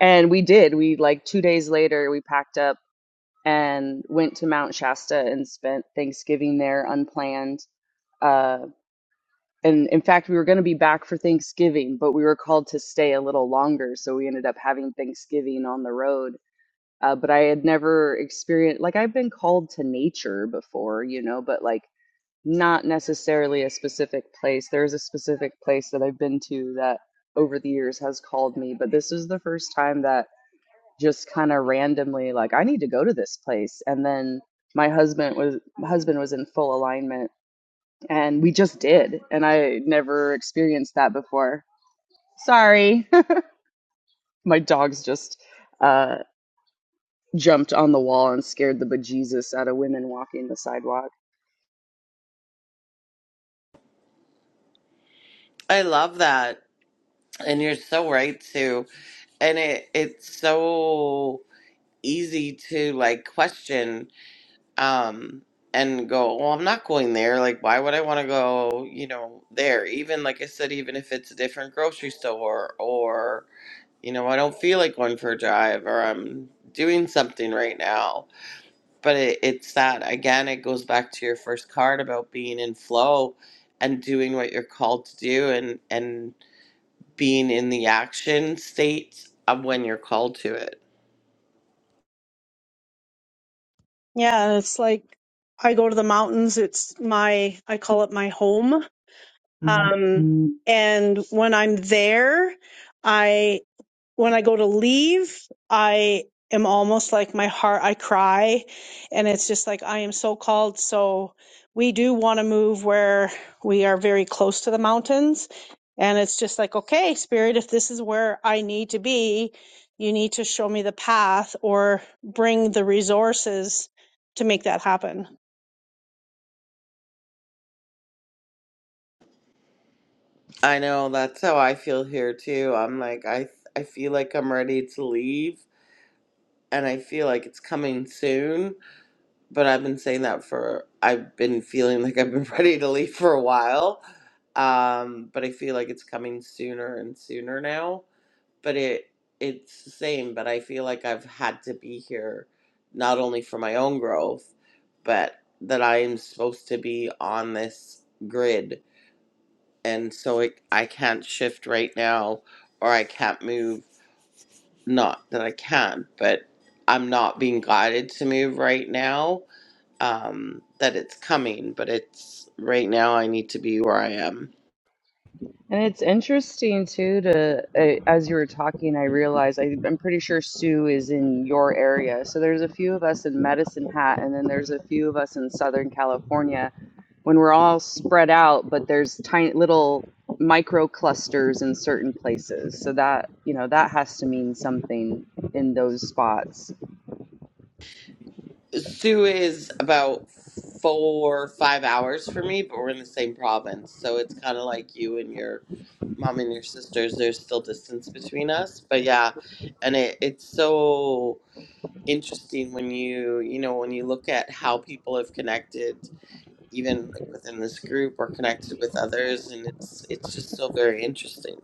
Speaker 6: And we did. We, like, two days later, we packed up and went to Mount Shasta and spent Thanksgiving there unplanned. Uh, and in fact, we were going to be back for Thanksgiving, but we were called to stay a little longer. So we ended up having Thanksgiving on the road. Uh, but I had never experienced, like, I've been called to nature before, you know, but like not necessarily a specific place. There's a specific place that I've been to that over the years has called me, but this was the first time that just kind of randomly like I need to go to this place and then my husband was husband was in full alignment and we just did and I never experienced that before. Sorry. my dogs just uh jumped on the wall and scared the bejesus out of women walking the sidewalk.
Speaker 1: I love that. And you're so right, too. And it, it's so easy to like question um and go well i'm not going there like why would i want to go you know there even like i said even if it's a different grocery store or you know i don't feel like going for a drive or i'm doing something right now but it, it's that again it goes back to your first card about being in flow and doing what you're called to do and and being in the action state of when you're called to it
Speaker 3: Yeah, it's like I go to the mountains. It's my, I call it my home. Um, Mhm. and when I'm there, when I go to leave, I am almost like my heart, I cry. And it's just like, I am so called. So we do want to move where we are very close to the mountains. And it's just like, okay, spirit, if this is where I need to be, you need to show me the path or bring the resources to make that happen.
Speaker 1: I know that's how I feel here too. I'm like I I feel like I'm ready to leave and I feel like it's coming soon, but I've been saying that for I've been feeling like I've been ready to leave for a while. Um but I feel like it's coming sooner and sooner now, but it it's the same, but I feel like I've had to be here not only for my own growth, but that I am supposed to be on this grid and so it, I can't shift right now or I can't move. Not that I can, but I'm not being guided to move right now. Um, that it's coming, but it's right now I need to be where I am.
Speaker 6: And it's interesting too to uh, as you were talking, I realized I, I'm pretty sure Sue is in your area. So there's a few of us in Medicine Hat, and then there's a few of us in Southern California. When we're all spread out, but there's tiny little micro clusters in certain places. So that you know that has to mean something in those spots.
Speaker 1: Sue is about four or five hours for me, but we're in the same province. So it's kind of like you and your mom and your sisters. There's still distance between us, but yeah. And it, it's so interesting when you you know when you look at how people have connected even like within this group or connected with others and it's it's just so very interesting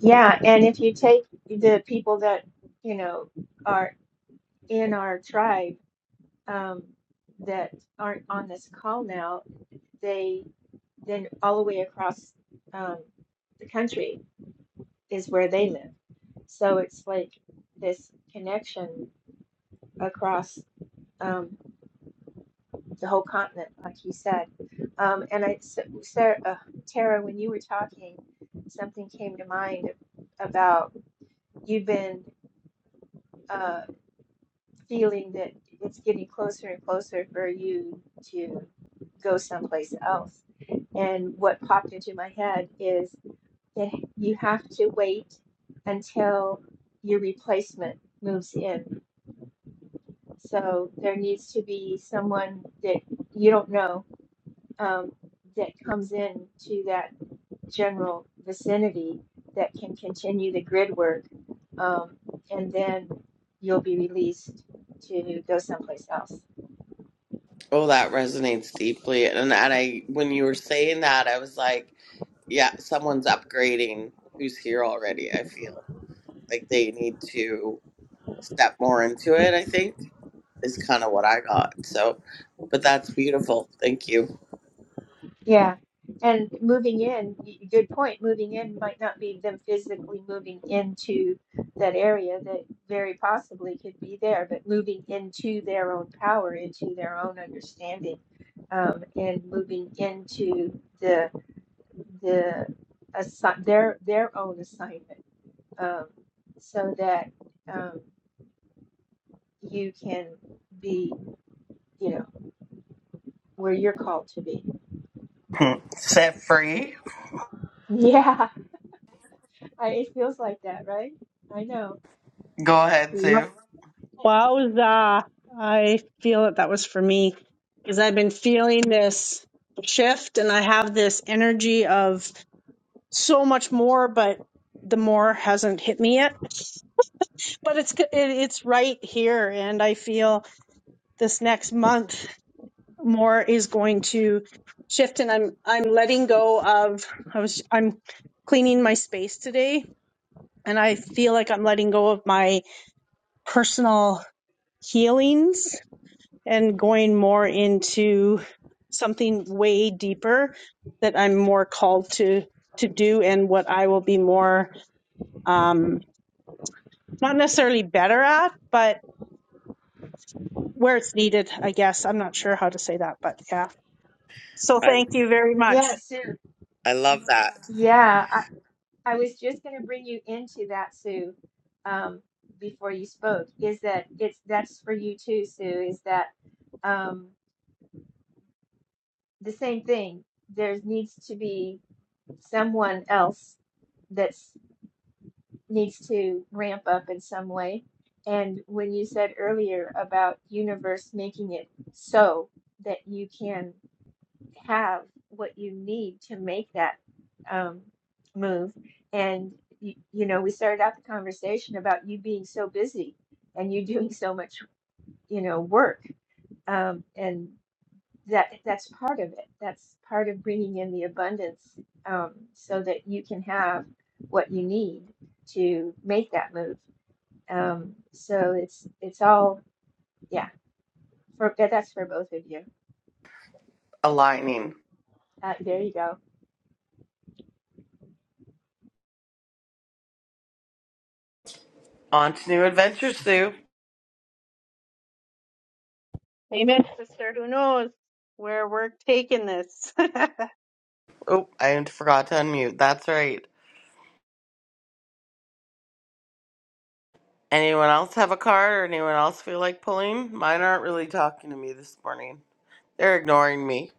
Speaker 4: Yeah. And if you take the people that, you know, are in our tribe um, that aren't on this call now, they then all the way across um, the country is where they live. So it's like this connection across. Um, the whole continent, like he said. Um, and I, Sarah, uh, Tara, when you were talking, something came to mind about you've been uh, feeling that it's getting closer and closer for you to go someplace else. And what popped into my head is that you have to wait until your replacement moves in. So there needs to be someone that you don't know um, that comes in to that general vicinity that can continue the grid work, um, and then you'll be released to go someplace else.
Speaker 1: oh that resonates deeply and, and i when you were saying that i was like yeah someone's upgrading who's here already i feel like they need to step more into it i think is kind of what i got so but that's beautiful thank you
Speaker 4: Yeah, and moving in, y- good point. Moving in might not be them physically moving into that area that very possibly could be there, but moving into their own power, into their own understanding, um, and moving into the. the assi- their their own assignment um, so that um, you can be you know where you're called to be
Speaker 1: Hmm. set free
Speaker 4: yeah I, it feels like that right i know
Speaker 1: go ahead sue
Speaker 3: Wowza. I feel that that was for me because I've been feeling this shift and I have this energy of so much more, but the more hasn't hit me yet. But it's it, it's right here, and I feel this next month more is going to shift, and I'm I'm letting go of I was I'm cleaning my space today, and I feel like I'm letting go of my personal healings and going more into something way deeper that I'm more called to to do, and what I will be more. Um, not necessarily better at, but where it's needed, I guess. I'm not sure how to say that, but yeah. So
Speaker 1: i,
Speaker 3: thank you very
Speaker 4: yeah
Speaker 3: much.
Speaker 4: sue
Speaker 1: I love that
Speaker 4: yeah i, I was just going to bring you into that sue um, before you spoke is that it's that's for you too sue is that um, the same thing there needs to be someone else that's needs to ramp up in some way. And when you said earlier about universe making it so that you can have what you need to make that um, move, and you, you know, we started out the conversation about you being so busy and you doing so much, you know, work, um, and that that's part of it. That's part of bringing in the abundance um, so that you can have what you need to make that move um, so it's it's all yeah. For yeah, that's for both of you.
Speaker 1: aligning.
Speaker 4: Uh, there you go.
Speaker 1: On to new adventures, Sue.
Speaker 3: Amen, sister. Who knows where we're taking this? and
Speaker 1: Oh, I forgot to unmute. That's right. Anyone else have a card or anyone else feel like pulling? Mine aren't really talking to me this morning. They're ignoring me.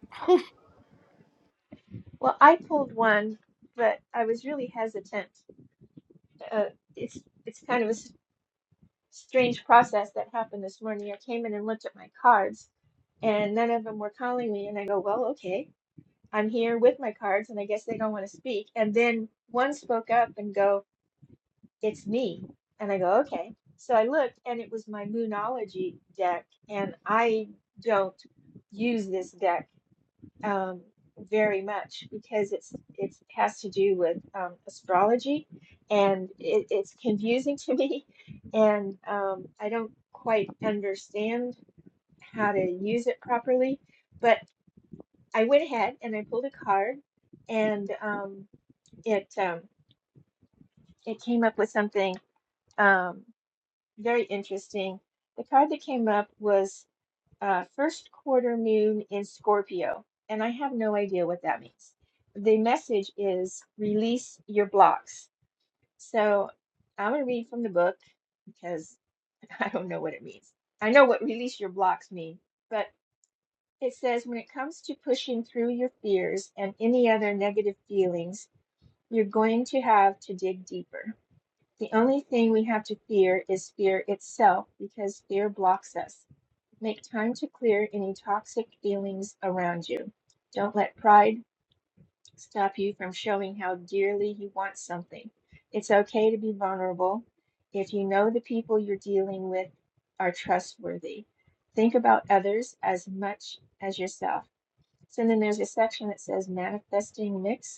Speaker 4: Well, I pulled one, but I was really hesitant. Uh, it's it's kind of a s- strange process that happened this morning. I came in and looked at my cards, and none of them were calling me. And I go, well, okay, I'm here with my cards, and I guess they don't want to speak. And then one spoke up and go. it's me. And I go, okay. So I looked and it was my Moonology deck. And I don't use this deck um, very much because it's it's has to do with um, astrology and it, it's confusing to me. And um, I don't quite understand how to use it properly. But I went ahead and I pulled a card and um, it um, it came up with something. Um, Very interesting. The card that came up was uh, first quarter moon in Scorpio, and I have no idea what that means. The message is release your blocks. So I'm going to read from the book because I don't know what it means. I know what release your blocks mean, but it says when it comes to pushing through your fears and any other negative feelings, you're going to have to dig deeper. The only thing we have to fear is fear itself because fear blocks us. Make time to clear any toxic feelings around you. Don't let pride stop you from showing how dearly you want something. It's okay to be vulnerable if you know the people you're dealing with are trustworthy. Think about others as much as yourself. So then there's a section that says manifesting mix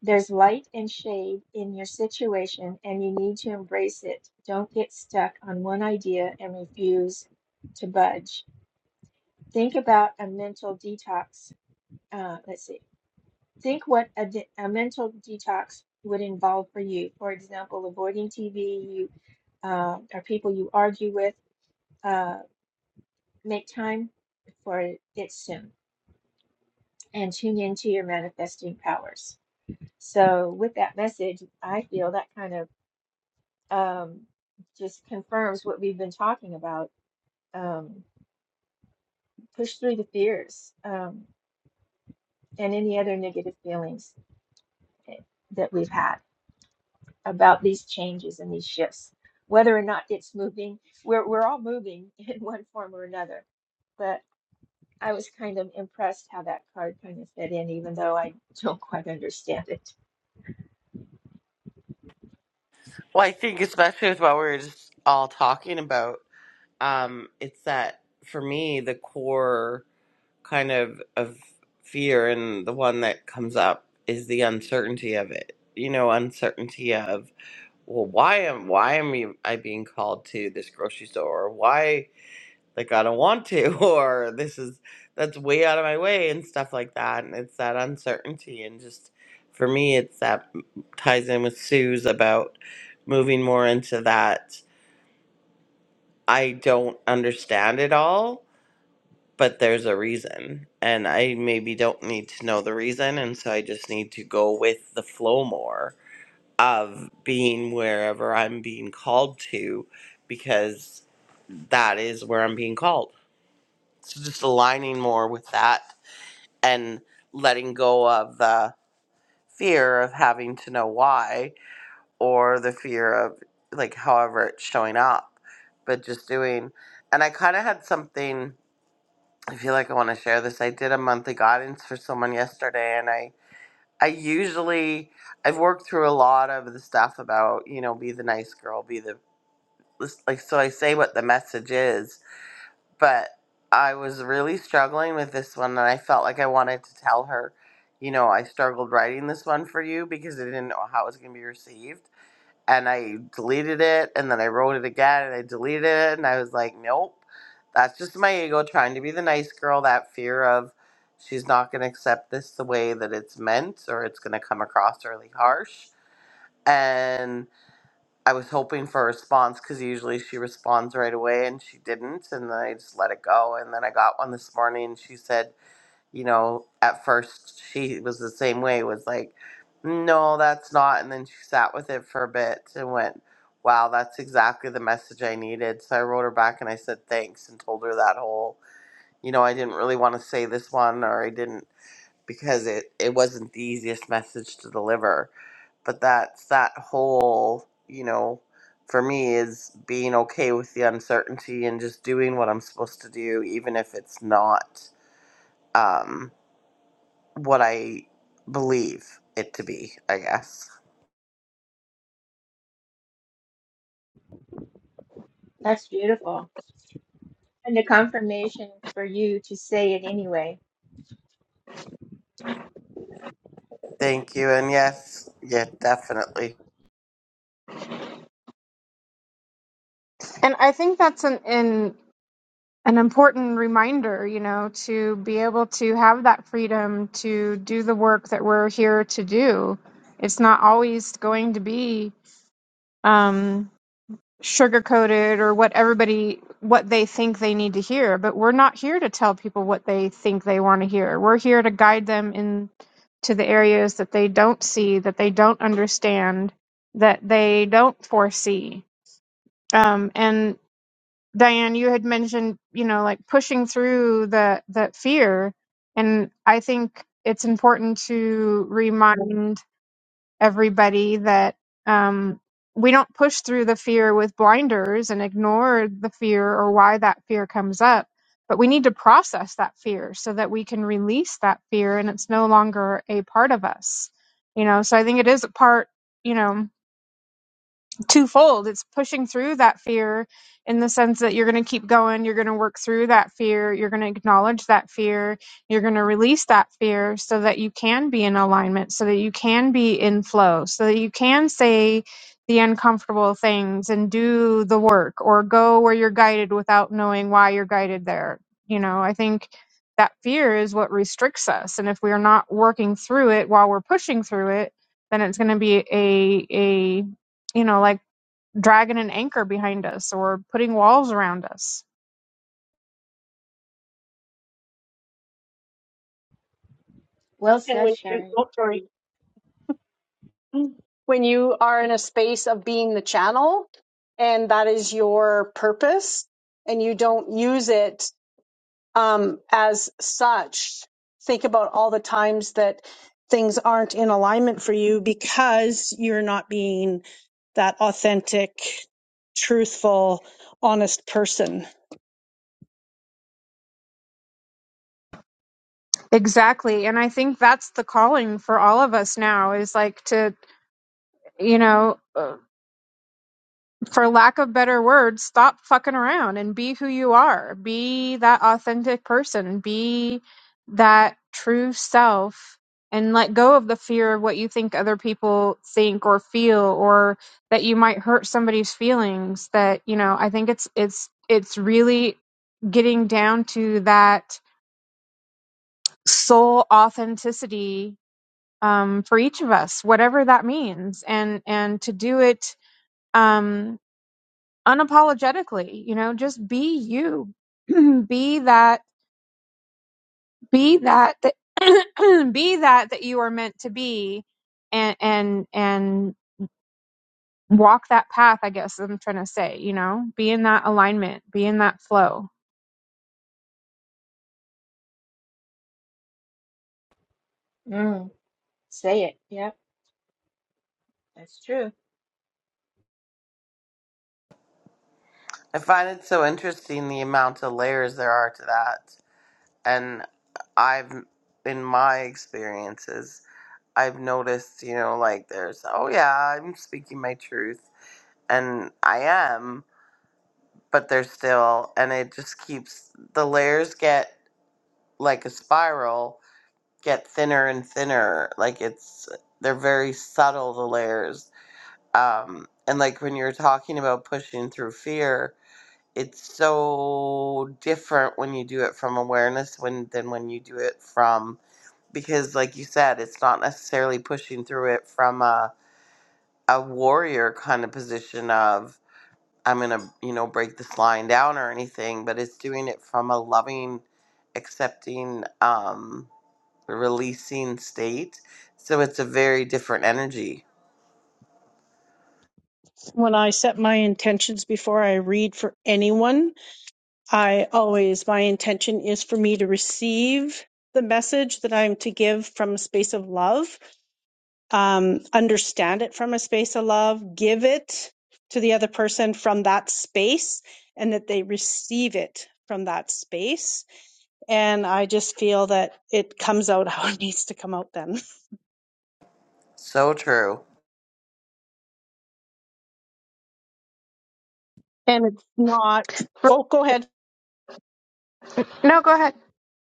Speaker 4: there's light and shade in your situation, and you need to embrace it. Don't get stuck on one idea and refuse to budge. Think about a mental detox. Uh, let's see. Think what a, de- a mental detox would involve for you. For example, avoiding TV, you uh, or people you argue with. Uh, make time for it soon, and tune into your manifesting powers. So, with that message, I feel that kind of um, just confirms what we've been talking about. Um, push through the fears um, and any other negative feelings eh, that we've had about these changes and these shifts, whether or not it's moving. We're, we're all moving in one form or another. But I was kind of impressed how that card kind of fit in, even though I don't quite understand it.
Speaker 1: Well, I think especially with what we were just all talking about, um, it's that for me the core kind of of fear and the one that comes up is the uncertainty of it. You know, uncertainty of well why am why am i being called to this grocery store why like I don't want to or this is that's way out of my way and stuff like that and it's that uncertainty and just for me it's that ties in with Sue's about moving more into that I don't understand it all but there's a reason and I maybe don't need to know the reason and so I just need to go with the flow more of being wherever I'm being called to because that is where I'm being called So just aligning more with that and letting go of the fear of having to know why or the fear of like however it's showing up, but just doing. And I kind of had something. I feel like I want to share this. I did a monthly guidance for someone yesterday, and I I usually I've worked through a lot of the stuff about you know be the nice girl, be the like so I say what the message is, but I was really struggling with this one, and I felt like I wanted to tell her, you know, I struggled writing this one for you because I didn't know how it was going to be received. And I deleted it, and then I wrote it again, and I deleted it, and I was like, nope, that's just my ego trying to be the nice girl, that fear of she's not going to accept this the way that it's meant, or it's going to come across really harsh. and. I was hoping for a response because usually she responds right away and she didn't. And then I just let it go. And then I got one this morning and she said, you know, at first she was the same way, was like, no, that's not. And then she sat with it for a bit and went, wow, that's exactly the message I needed. So I wrote her back and I said thanks and told her that whole, you know, I didn't really want to say this one or I didn't because it, it wasn't the easiest message to deliver but that's that whole you know for me is being okay with the uncertainty and just doing what i'm supposed to do even if it's not um what i believe it to be i guess
Speaker 4: That's beautiful. And the confirmation for you to say it anyway.
Speaker 1: thank you and yes yeah definitely
Speaker 5: and i think that's an an, an important reminder you know to be able to have that freedom to do the work that we're here to do it's not always going to be um sugarcoated or what everybody what they think they need to hear but we're not here to tell people what they think they want to hear we're here to guide them in to the areas that they don't see that they don't understand that they don't foresee um, and diane you had mentioned you know like pushing through the that fear and i think it's important to remind everybody that um, we don't push through the fear with blinders and ignore the fear or why that fear comes up, but we need to process that fear so that we can release that fear and it's no longer a part of us. You know, so I think it is a part, you know twofold. It's pushing through that fear in the sense that you're going to keep going, you're going to work through that fear, you're going to acknowledge that fear, you're going to release that fear so that you can be in alignment, so that you can be in flow, so that you can say the uncomfortable things and do the work or go where you're guided without knowing why you're guided there. You know, I think that fear is what restricts us and if we're not working through it while we're pushing through it, then it's going to be a a you know like dragging an anchor behind us or putting walls around us.
Speaker 4: Well said,
Speaker 3: when you,
Speaker 4: Sharon.
Speaker 3: oh, sorry. when you are in a space of being the channel and that is your purpose and you don't use it um, as such, think about all the times that things aren't in alignment for you because you're not being that authentic, truthful, honest person.
Speaker 5: Exactly. And I think that's the calling for all of us now is like to, you know, uh, for lack of better words, stop fucking around and be who you are. Be that authentic person. Be that true self and let go of the fear of what you think other people think or feel or that you might hurt somebody's feelings that, you know, I think it's it's it's really getting down to that soul authenticity um, for each of us, whatever that means, and and to do it um, unapologetically. You know, just be you, be that, be that, that be that that you are meant to be, and and and walk that path. I guess I'm trying to say, you know, be in that alignment, be in that flow.
Speaker 4: Mm, say it. Yep, that's true.
Speaker 1: i find it so interesting the amount of layers there are to that and i've in my experiences i've noticed you know like there's oh yeah i'm speaking my truth and I am. but they're still and it just keeps the layers get like a spiral get thinner and thinner like it's they're very subtle the layers um and like when you're talking about pushing through fear it's so different when you do it from awareness when than when you do it from because like you said it's not necessarily pushing through it from a a warrior kind of position of I'm gonna, you know, break this line down or anything, but it's doing it from a loving, accepting, um, releasing state. So it's a very different energy.
Speaker 3: When I set my intentions before I read for anyone, I always, my intention is for me to receive the message that I'm to give from a space of love, um, understand it from a space of love, give it to the other person from that space, and that they receive it from that space. And I just feel that it comes out how it needs to come out then.
Speaker 1: So true.
Speaker 3: And it's not, oh, go ahead.
Speaker 5: No, go ahead.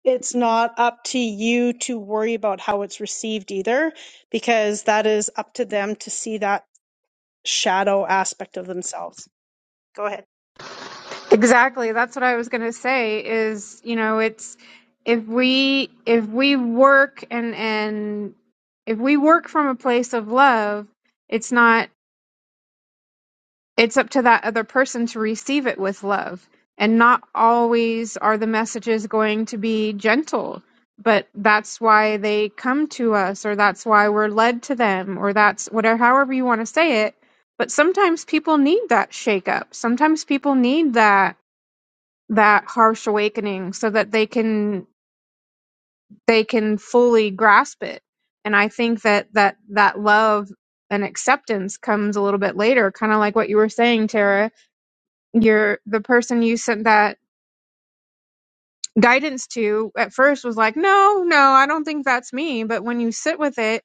Speaker 3: It's not up to you to worry about how it's received either, because that is up to them to see that shadow aspect of themselves. Go ahead.
Speaker 5: Exactly. That's what I was going to say is, you know, it's if we if we work and and if we work from a place of love, it's not it's up to that other person to receive it with love. And not always are the messages going to be gentle, but that's why they come to us or that's why we're led to them or that's whatever however you want to say it. But sometimes people need that shake up. Sometimes people need that that harsh awakening so that they can they can fully grasp it and i think that that that love and acceptance comes a little bit later kind of like what you were saying tara you're the person you sent that guidance to at first was like no no i don't think that's me but when you sit with it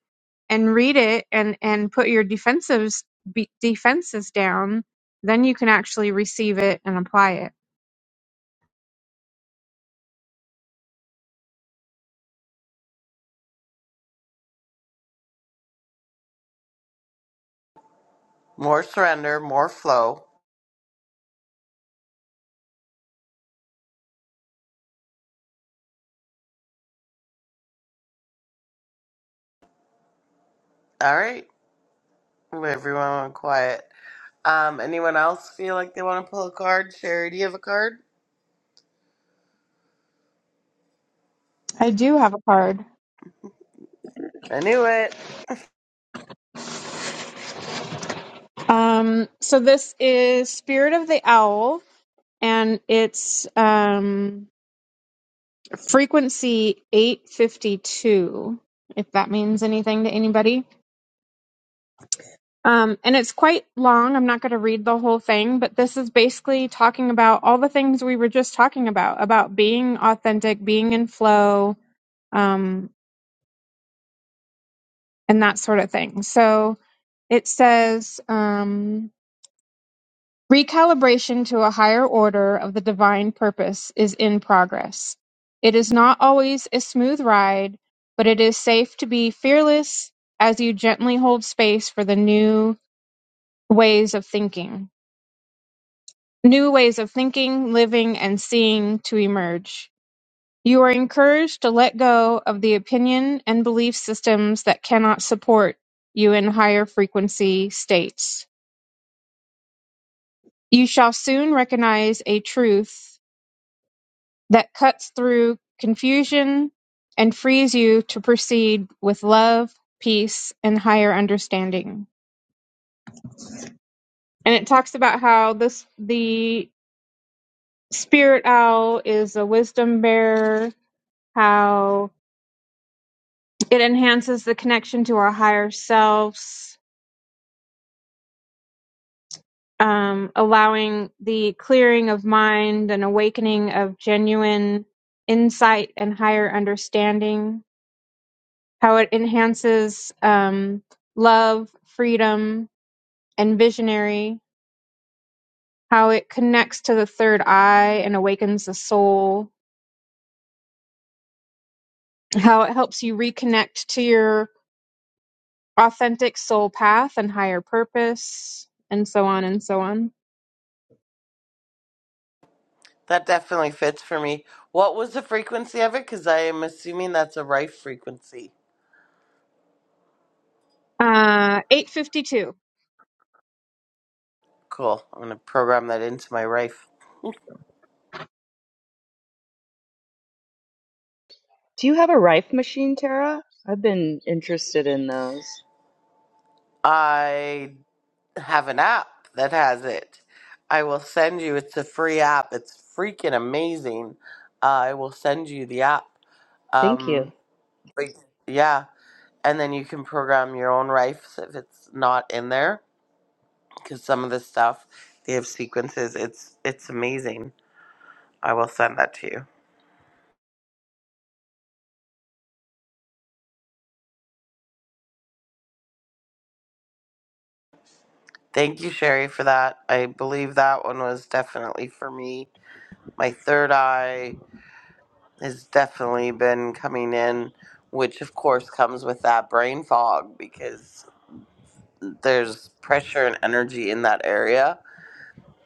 Speaker 5: and read it and and put your defensives be, defenses down then you can actually receive it and apply it
Speaker 1: More surrender, more flow. All right, everyone, went quiet. Um, anyone else feel like they want to pull a card? Sherry, do you have a card?
Speaker 5: i do have a card
Speaker 1: I knew it.
Speaker 5: Um, so this is Spirit of the Owl, and it's um, frequency 852, if that means anything to anybody. Um, and it's quite long. I'm not going to read the whole thing, but this is basically talking about all the things we were just talking about about being authentic, being in flow, um, and that sort of thing. So it says. Um, Recalibration to a higher order of the divine purpose is in progress. It is not always a smooth ride, but it is safe to be fearless as you gently hold space for the new ways of thinking. New ways of thinking, living, and seeing to emerge. You are encouraged to let go of the opinion and belief systems that cannot support you in higher frequency states. You shall soon recognize a truth that cuts through confusion and frees you to proceed with love, peace, and higher understanding. And it talks about how this the spirit owl is a wisdom bearer, how it enhances the connection to our higher selves, um, allowing the clearing of mind and awakening of genuine insight and higher understanding how it enhances um, love, freedom, and visionary, how it connects to the third eye and awakens the soul, how it helps you reconnect to your authentic soul path and higher purpose, and so on and so on.
Speaker 1: That definitely fits for me. What was the frequency of it? Because I am assuming that's a rife frequency.
Speaker 5: Uh, 852.
Speaker 1: Cool. I'm gonna program that into my rife.
Speaker 6: Do you have a rife machine, Tara? I've been interested in those.
Speaker 1: I have an app that has it. I will send you. It's a free app. It's freaking amazing. Uh, I will send you the app.
Speaker 6: Thank you.
Speaker 1: Um, but- yeah, and then you can program your own rifes if it's not in there, because some of the stuff they have sequences. It's it's amazing. I will send that to you. Thank you, Sherry, for that. I believe that one was definitely for me. My third eye. has definitely been coming in, which of course comes with that brain fog because there's pressure and energy in that area.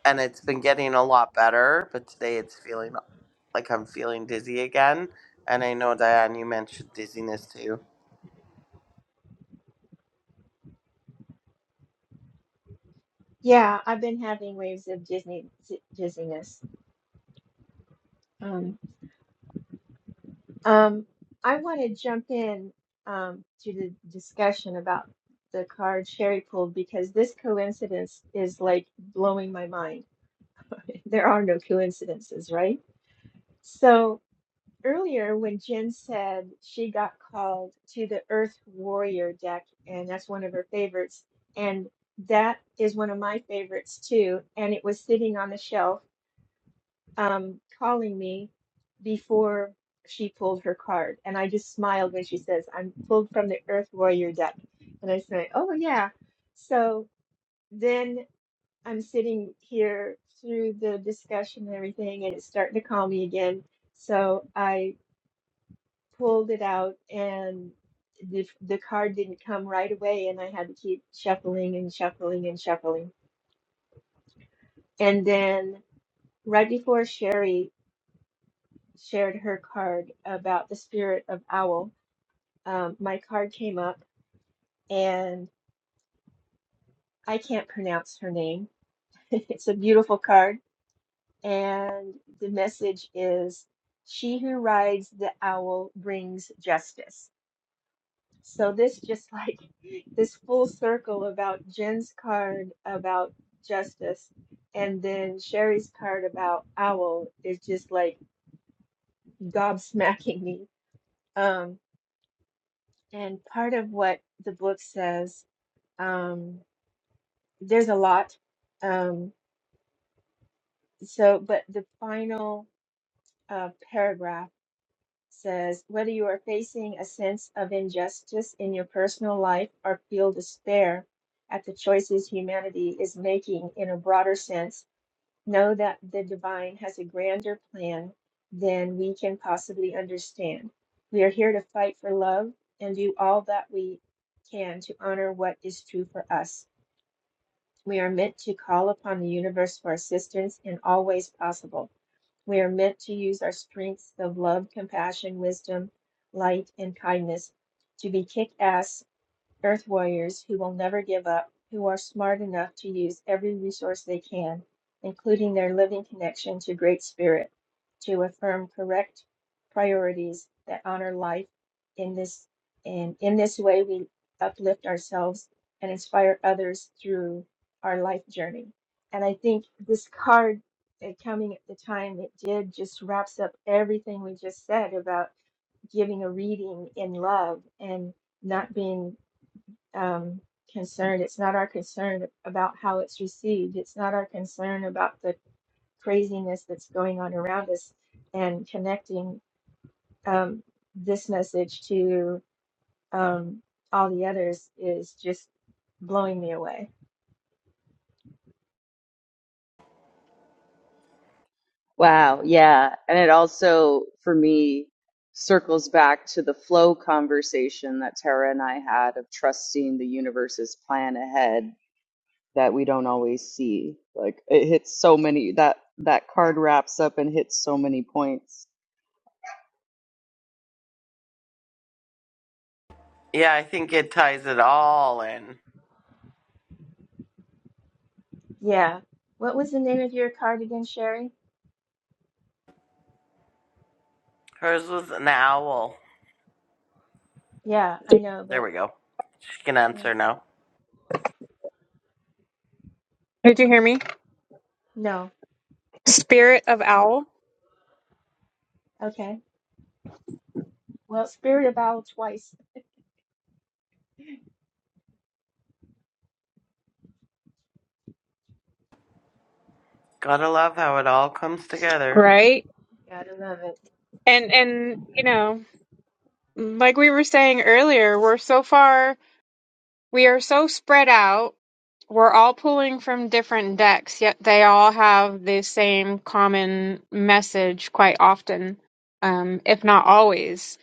Speaker 1: And it's been getting a lot better, but today it's feeling like I'm feeling dizzy again. And I know, Diane, you mentioned dizziness too.
Speaker 4: Yeah, I've been having waves of Disney dizziness. Um, I want to jump in um, to the discussion about the card Sherry pulled because this coincidence is like blowing my mind. There are no coincidences, right? So earlier, when Jen said she got called to the Earth Warrior deck, and that's one of her favorites, and that is one of my favorites too, and it was sitting on the shelf um, calling me before she pulled her card. And I just smiled when she says, I'm pulled from the Earth Warrior deck. And I said, Oh, yeah. So then I'm sitting here through the discussion and everything, and it's starting to call me again. So I pulled it out, and the, the card didn't come right away. And I had to keep shuffling and shuffling and shuffling. And then right before Sherry shared her card about the spirit of owl. Um, my card came up, and I can't pronounce her name. It's a beautiful card, and the message is, "She who rides the owl brings justice." So this just like this full circle about Jen's card about justice, and then Sherry's card about owl is just like gobsmacking me. Um, and part of what the book says Um, there's a lot. Um, so, but the final uh, paragraph says whether you are facing a sense of injustice in your personal life or feel despair at the choices humanity is making in a broader sense, know that the divine has a grander plan than we can possibly understand. We are here to fight for love and do all that we can to honor what is true for us. We are meant to call upon the universe for assistance in all ways possible. We are meant to use our strengths of love, compassion, wisdom, light, and kindness to be kick ass Earth warriors who will never give up, who are smart enough to use every resource they can, including their living connection to Great Spirit, to affirm correct priorities that honor life in this and in this way we uplift ourselves and inspire others through our life journey. And I think this card uh, coming at the time it did just wraps up everything we just said about giving a reading in love and not being um, concern. It's not our concern about how it's received. It's not our concern about the craziness that's going on around us and connecting um, this message to um, all the others is just blowing me away.
Speaker 6: Wow, yeah. And it also, for me, circles back to the flow conversation that Tara and I had of trusting the universe's plan ahead that we don't always see. Like it hits so many that that card wraps up and hits so many points.
Speaker 1: Yeah, I think it ties it all in.
Speaker 4: Yeah. What was the name of your card again, Sherry?
Speaker 1: Hers was an owl.
Speaker 4: Yeah, I know,
Speaker 1: There
Speaker 4: but
Speaker 1: we go. She can
Speaker 4: yeah.
Speaker 1: answer now.
Speaker 5: Did you hear me?
Speaker 4: No.
Speaker 5: Spirit of Owl.
Speaker 4: Okay. Well, Spirit of Owl twice.
Speaker 1: Gotta love how it all comes together.
Speaker 5: Right.
Speaker 4: God, I love it.
Speaker 5: And and you know, like we were saying earlier, we're so far we are so spread out. We're all pulling from different decks, yet they all have the same common message quite often, um, if not always.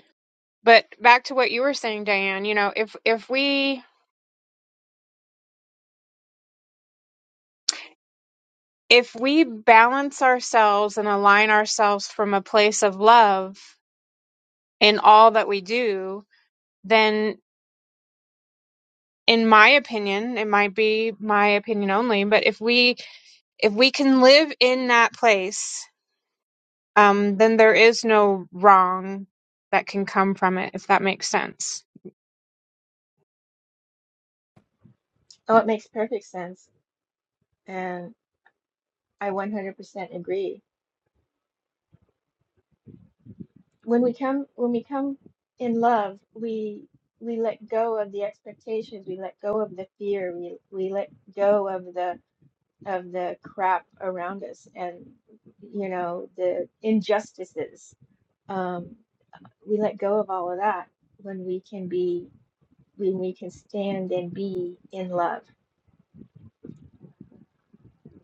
Speaker 5: But back to what you were saying, Diane, you know, if if we if we balance ourselves and align ourselves from a place of love in all that we do, then. in my opinion, it might be my opinion only, but if we if we can live in that place, um, then there is no wrong that can come from it, if that makes sense.
Speaker 4: Oh, it makes perfect sense. And I 100% agree when we come when we come in love we we let go of the expectations we let go of the fear we, we let go of the of the crap around us and you know the injustices um we let go of all of that when we can be when we can stand and be in love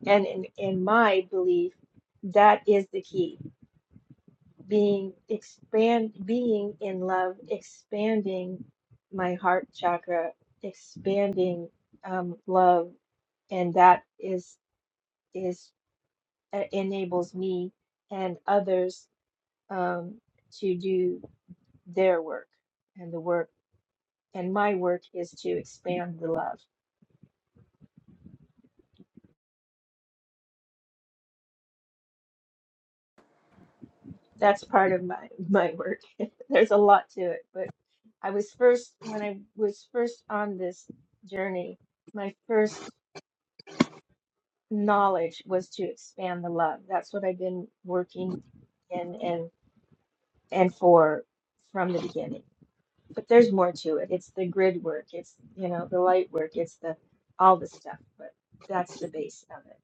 Speaker 4: and in, in my belief that is the key being expand being in love expanding my heart chakra expanding um, love and that is is uh, enables me and others um, to do their work and the work and my work is to expand the love that's part of my my work there's a lot to it but i was first when i was first on this journey my first knowledge was to expand the love. That's what I've been working in and and for from the beginning. But there's more to it. It's the grid work. It's you know the light work. It's the all the stuff. But that's the base of it.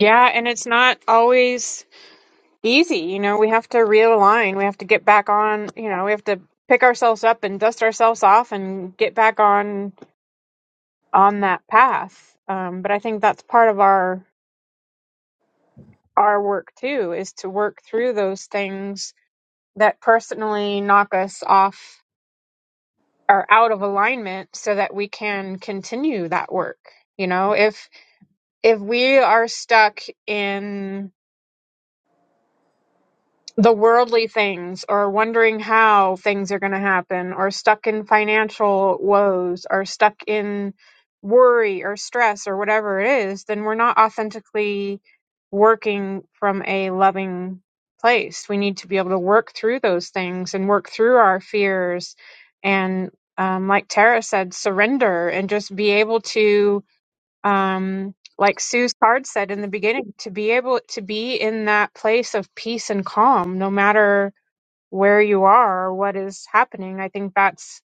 Speaker 5: Yeah, and it's not always easy, you know, we have to realign, we have to get back on, you know, we have to pick ourselves up and dust ourselves off and get back on on that path. Um, but I think that's part of our our work too is to work through those things that personally knock us off or out of alignment so that we can continue that work. You know, if if we are stuck in the worldly things or wondering how things are going to happen or stuck in financial woes or stuck in worry or stress or whatever it is, then we're not authentically working from a loving place. We need to be able to work through those things and work through our fears and um, like Tara said, surrender and just be able to um, like Sue's card said in the beginning, to be able to be in that place of peace and calm, no matter where you are or what is happening. I think that's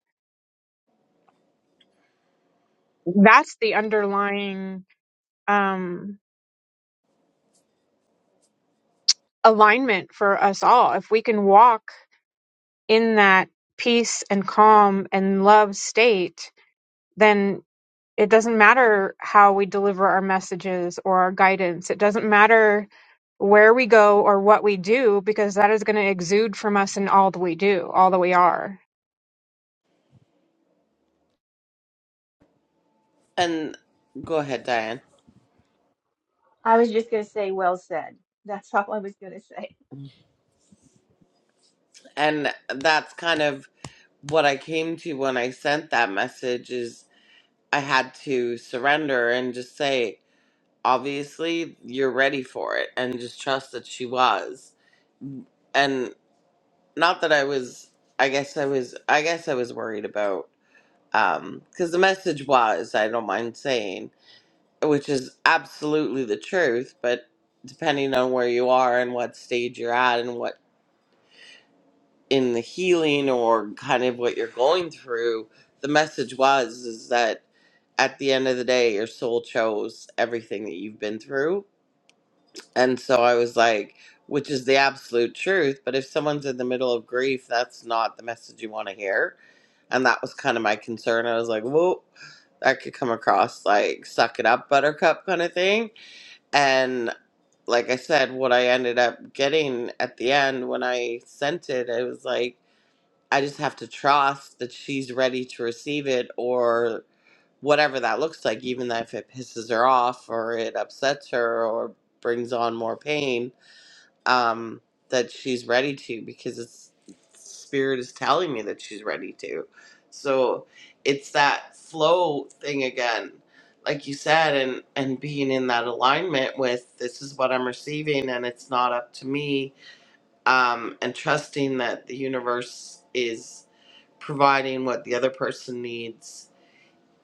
Speaker 5: that's the underlying um, alignment for us all. If we can walk in that peace and calm and love state, then It doesn't matter how we deliver our messages or our guidance. It doesn't matter where we go or what we do because that is going to exude from us in all that we do, all that we are.
Speaker 1: And go ahead, Diane.
Speaker 4: I was just gonna say, well said. That's all I was gonna say.
Speaker 1: And that's kind of what I came to when I sent that message is I had to surrender and just say, obviously, you're ready for it, and just trust that she was. And not that I was, I guess I was, I guess I was worried about, um, because the message was, I don't mind saying, which is absolutely the truth, but depending on where you are and what stage you're at and what in the healing or kind of what you're going through, the message was is that at the end of the day, your soul chose everything that you've been through. And so I was like, which is the absolute truth. But if someone's in the middle of grief, that's not the message you want to hear. And that was kind of my concern. I was like, whoa, that could come across like suck it up, buttercup kind of thing. And like I said, what I ended up getting at the end when I sent it, I was like, I just have to trust that she's ready to receive it or whatever that looks like, even if it pisses her off or it upsets her or brings on more pain, um, that she's ready to because it's spirit is telling me that she's ready to. So it's that flow thing again, like you said, and, and being in that alignment with this is what I'm receiving and it's not up to me um, and trusting that the universe is providing what the other person needs,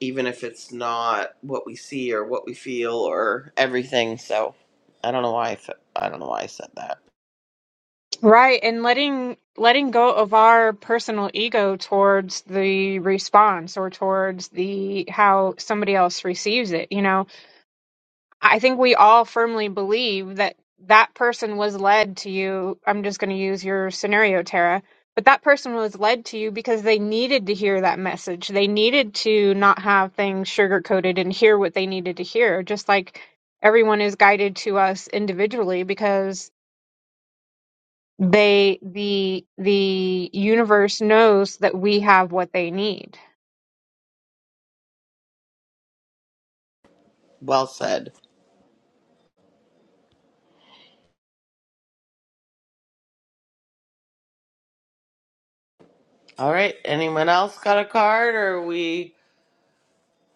Speaker 1: even if it's not what we see or what we feel or everything. So I don't know why I, fe- I don't know why I said that.
Speaker 5: Right, and letting letting go of our personal ego towards the response or towards the how somebody else receives it, you know I think we all firmly believe that that person was led to you. I'm just going to use your scenario, Tara. But that person was led to you because they needed to hear that message. They needed to not have things sugar coated and hear what they needed to hear, just like everyone is guided to us individually because they the the universe knows that we have what they need.
Speaker 1: Well said. All right. Anyone else got a card? Or we?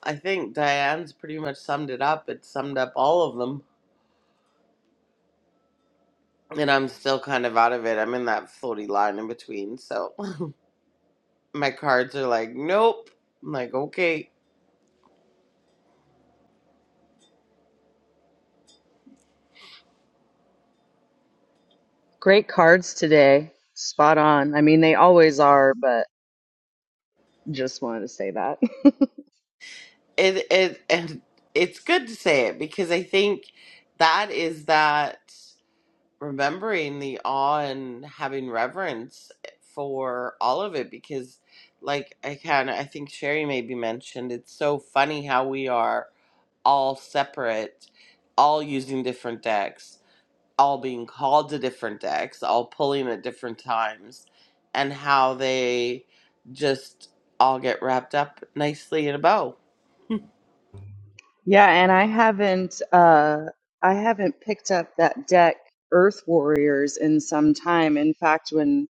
Speaker 1: I think Diane's pretty much summed it up. It summed up all of them, and I'm still kind of out of it. I'm in that floaty line in between. So my cards are like, nope. I'm like, okay.
Speaker 6: Great cards today. Spot on. I mean, they always are, but just wanted to say that.
Speaker 1: it it and it's good to say it because I think that is that remembering the awe and having reverence for all of it because like I can I think Sherry maybe mentioned it's so funny how we are all separate, all using different decks, all being called to different decks, all pulling at different times, and how they just all get wrapped up nicely in a bow
Speaker 6: Yeah, and I haven't uh I haven't picked up that deck Earth Warriors in some time. In fact, when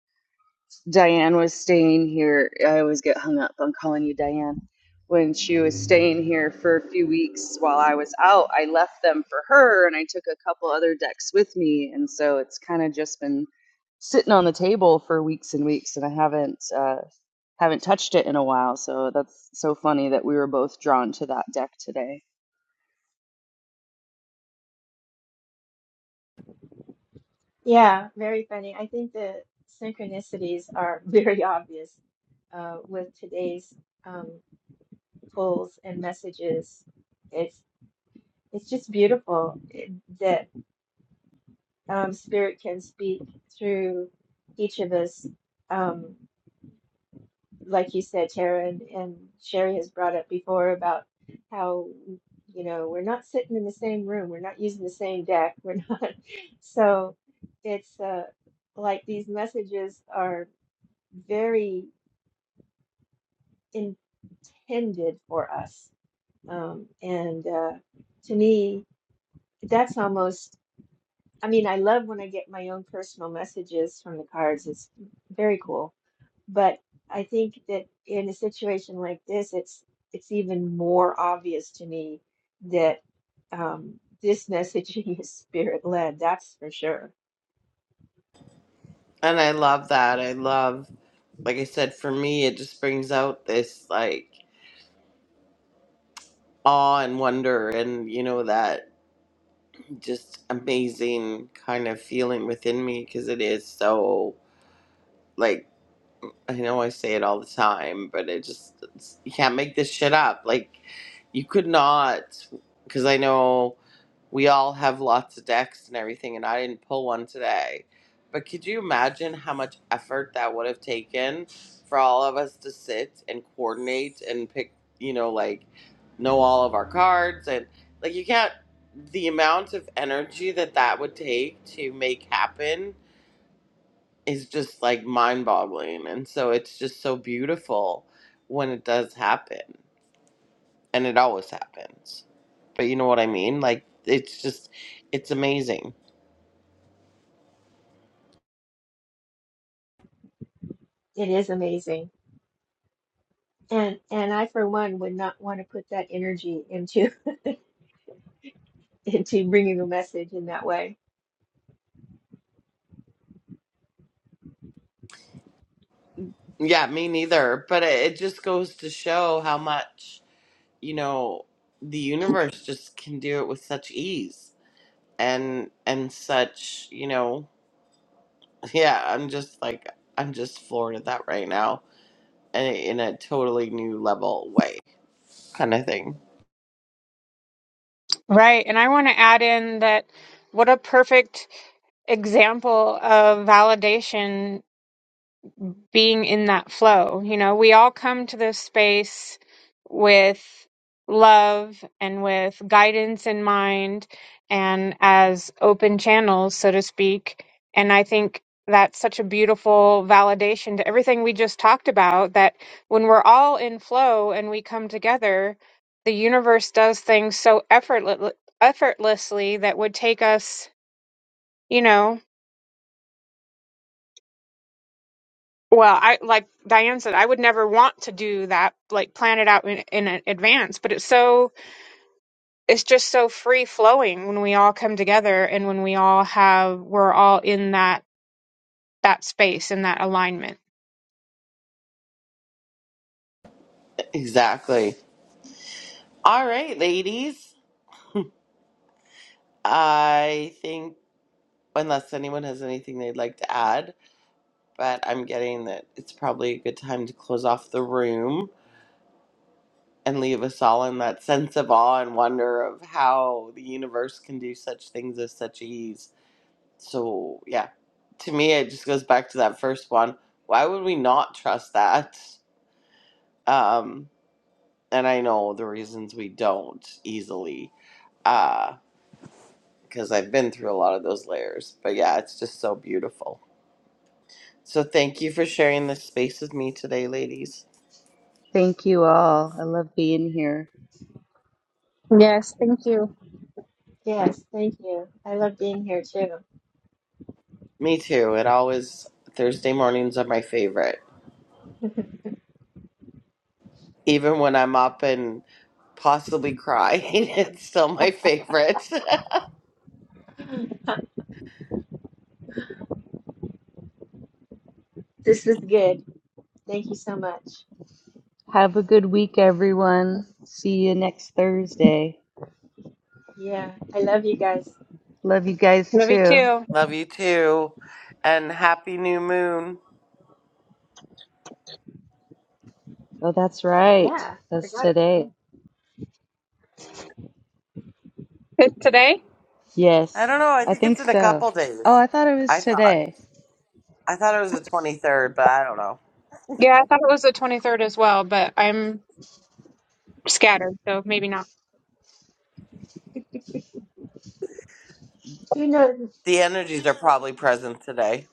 Speaker 6: Diane was staying here, I always get hung up on calling you Diane. When she was staying here for a few weeks while I was out, I left them for her and I took a couple other decks with me, and so it's kind of just been sitting on the table for weeks and weeks and I haven't uh haven't touched it in a while. So that's so funny that we were both drawn to that deck today.
Speaker 4: Yeah, very funny. I think the synchronicities are very obvious uh, with today's um, pulls and messages. It's it's just beautiful um, Spirit can speak through each of us. Um, like you said, Tara and, and Sherry has brought up before about how, you know, we're not sitting in the same room, we're not using the same deck, we're not. So it's uh, like these messages are very intended for us. Um, and uh, to me, that's almost, I mean, I love when I get my own personal messages from the cards. It's very cool But I think that in a situation like this, it's it's even more obvious to me that um, this messaging is spirit led. That's for sure.
Speaker 1: And I love that. I love, like I said, for me, it just brings out this like awe and wonder and, you know, that just amazing kind of feeling within me because it is so, like, I know I say it all the time, but it just, it's, you can't make this shit up. Like, you could not, because I know. we all have lots of decks and everything, and I didn't pull one today. But could you imagine how much effort that would have taken for all of us to sit and coordinate and pick, you know, like know all of our cards and like you can't, the amount of energy that that would take to make happen is just like mind boggling. And so it's just so beautiful when it does happen, and it always happens. But you know what I mean? Like, it's just, it's amazing.
Speaker 4: It is amazing, and and I for one would not want to put that energy into into bringing a message in that way.
Speaker 1: Yeah, me neither. But it, it just goes to show how much, you know, the universe just can do it with such ease and and such, you know, yeah, I'm just like I'm just floored at that right now and in a totally new level way kind of thing.
Speaker 5: Right. And I want to add in that what a perfect example of validation being in that flow. You know, we all come to this space with love and with guidance in mind and as open channels, so to speak. And I think that's such a beautiful validation to everything we just talked about that when we're all in flow and we come together, the universe does things so effortless, effortlessly that would take us, you know, Well, I like Diane said, I would never want to do that, like plan it out in, in a- advance. But it's so, it's just so free flowing when we all come together and when we all have, we're all in that that space and that alignment.
Speaker 1: Exactly. All right, ladies. I think unless anyone has anything they'd like to add, but I'm getting that it's probably a good time to close off the room. and leave us all in that sense of awe and wonder of how the universe can do such things with such ease. So, yeah, to me, it just goes back to that first one. Why would we not trust that? Um, and I know the reasons we don't easily, because I've been through a lot of those layers. But yeah, it's just so beautiful. So, thank you for sharing this space with me today, ladies.
Speaker 6: Thank you all. I love being here.
Speaker 4: Yes, thank you. I love being here too.
Speaker 1: Me too. It always, Thursday mornings are my favorite even when I'm up and possibly cry. it's still my favorite.
Speaker 4: This was good. Thank you so much.
Speaker 6: Have a good week, everyone. See you next Thursday.
Speaker 4: Yeah, I love you guys.
Speaker 6: Love you guys
Speaker 5: Movie
Speaker 6: too.
Speaker 5: two
Speaker 1: Love you too. And happy new moon.
Speaker 6: Oh, that's right.
Speaker 4: Yeah,
Speaker 6: That's
Speaker 4: forgot about
Speaker 6: today.
Speaker 4: that.
Speaker 5: is today.
Speaker 1: I
Speaker 6: Yes,
Speaker 1: don't know. I
Speaker 6: I
Speaker 1: think it's
Speaker 6: think
Speaker 1: in a
Speaker 6: so.
Speaker 1: couple
Speaker 6: Oh,
Speaker 1: days.
Speaker 6: I thought it was
Speaker 1: I thought
Speaker 6: today.
Speaker 1: I thought it was the 23rd, but I don't know.
Speaker 5: Yeah, I thought it was the 23rd as well, but I'm scattered, so maybe not.
Speaker 4: Who knows?
Speaker 1: The energies are probably present today.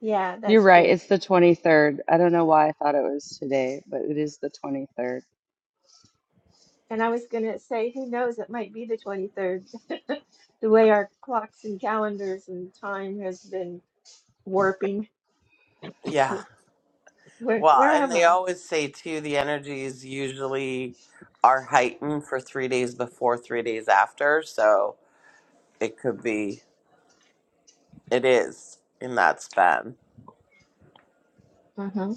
Speaker 4: Yeah,
Speaker 6: You're
Speaker 4: that's
Speaker 6: right.
Speaker 4: true.
Speaker 6: It's the 23rd. I don't know why I thought it was today, but it is the 23rd.
Speaker 4: And I was gonna say, who knows, it might be the 23rd. The way our clocks and calendars and time has been warping.
Speaker 1: Yeah.
Speaker 4: Wh- Where
Speaker 1: Well,
Speaker 4: where
Speaker 1: and
Speaker 4: am
Speaker 1: they
Speaker 4: I?
Speaker 1: always say too the energies usually are heightened for 3 days before, 3 days after, so it could be it is in that span.
Speaker 4: Uh-huh.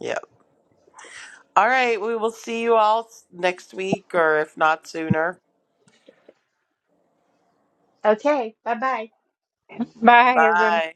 Speaker 1: Yep. All right, we will see you all s- next week or if not sooner.
Speaker 4: Okay, bye-bye.
Speaker 5: Bye, everyone.
Speaker 1: Bye.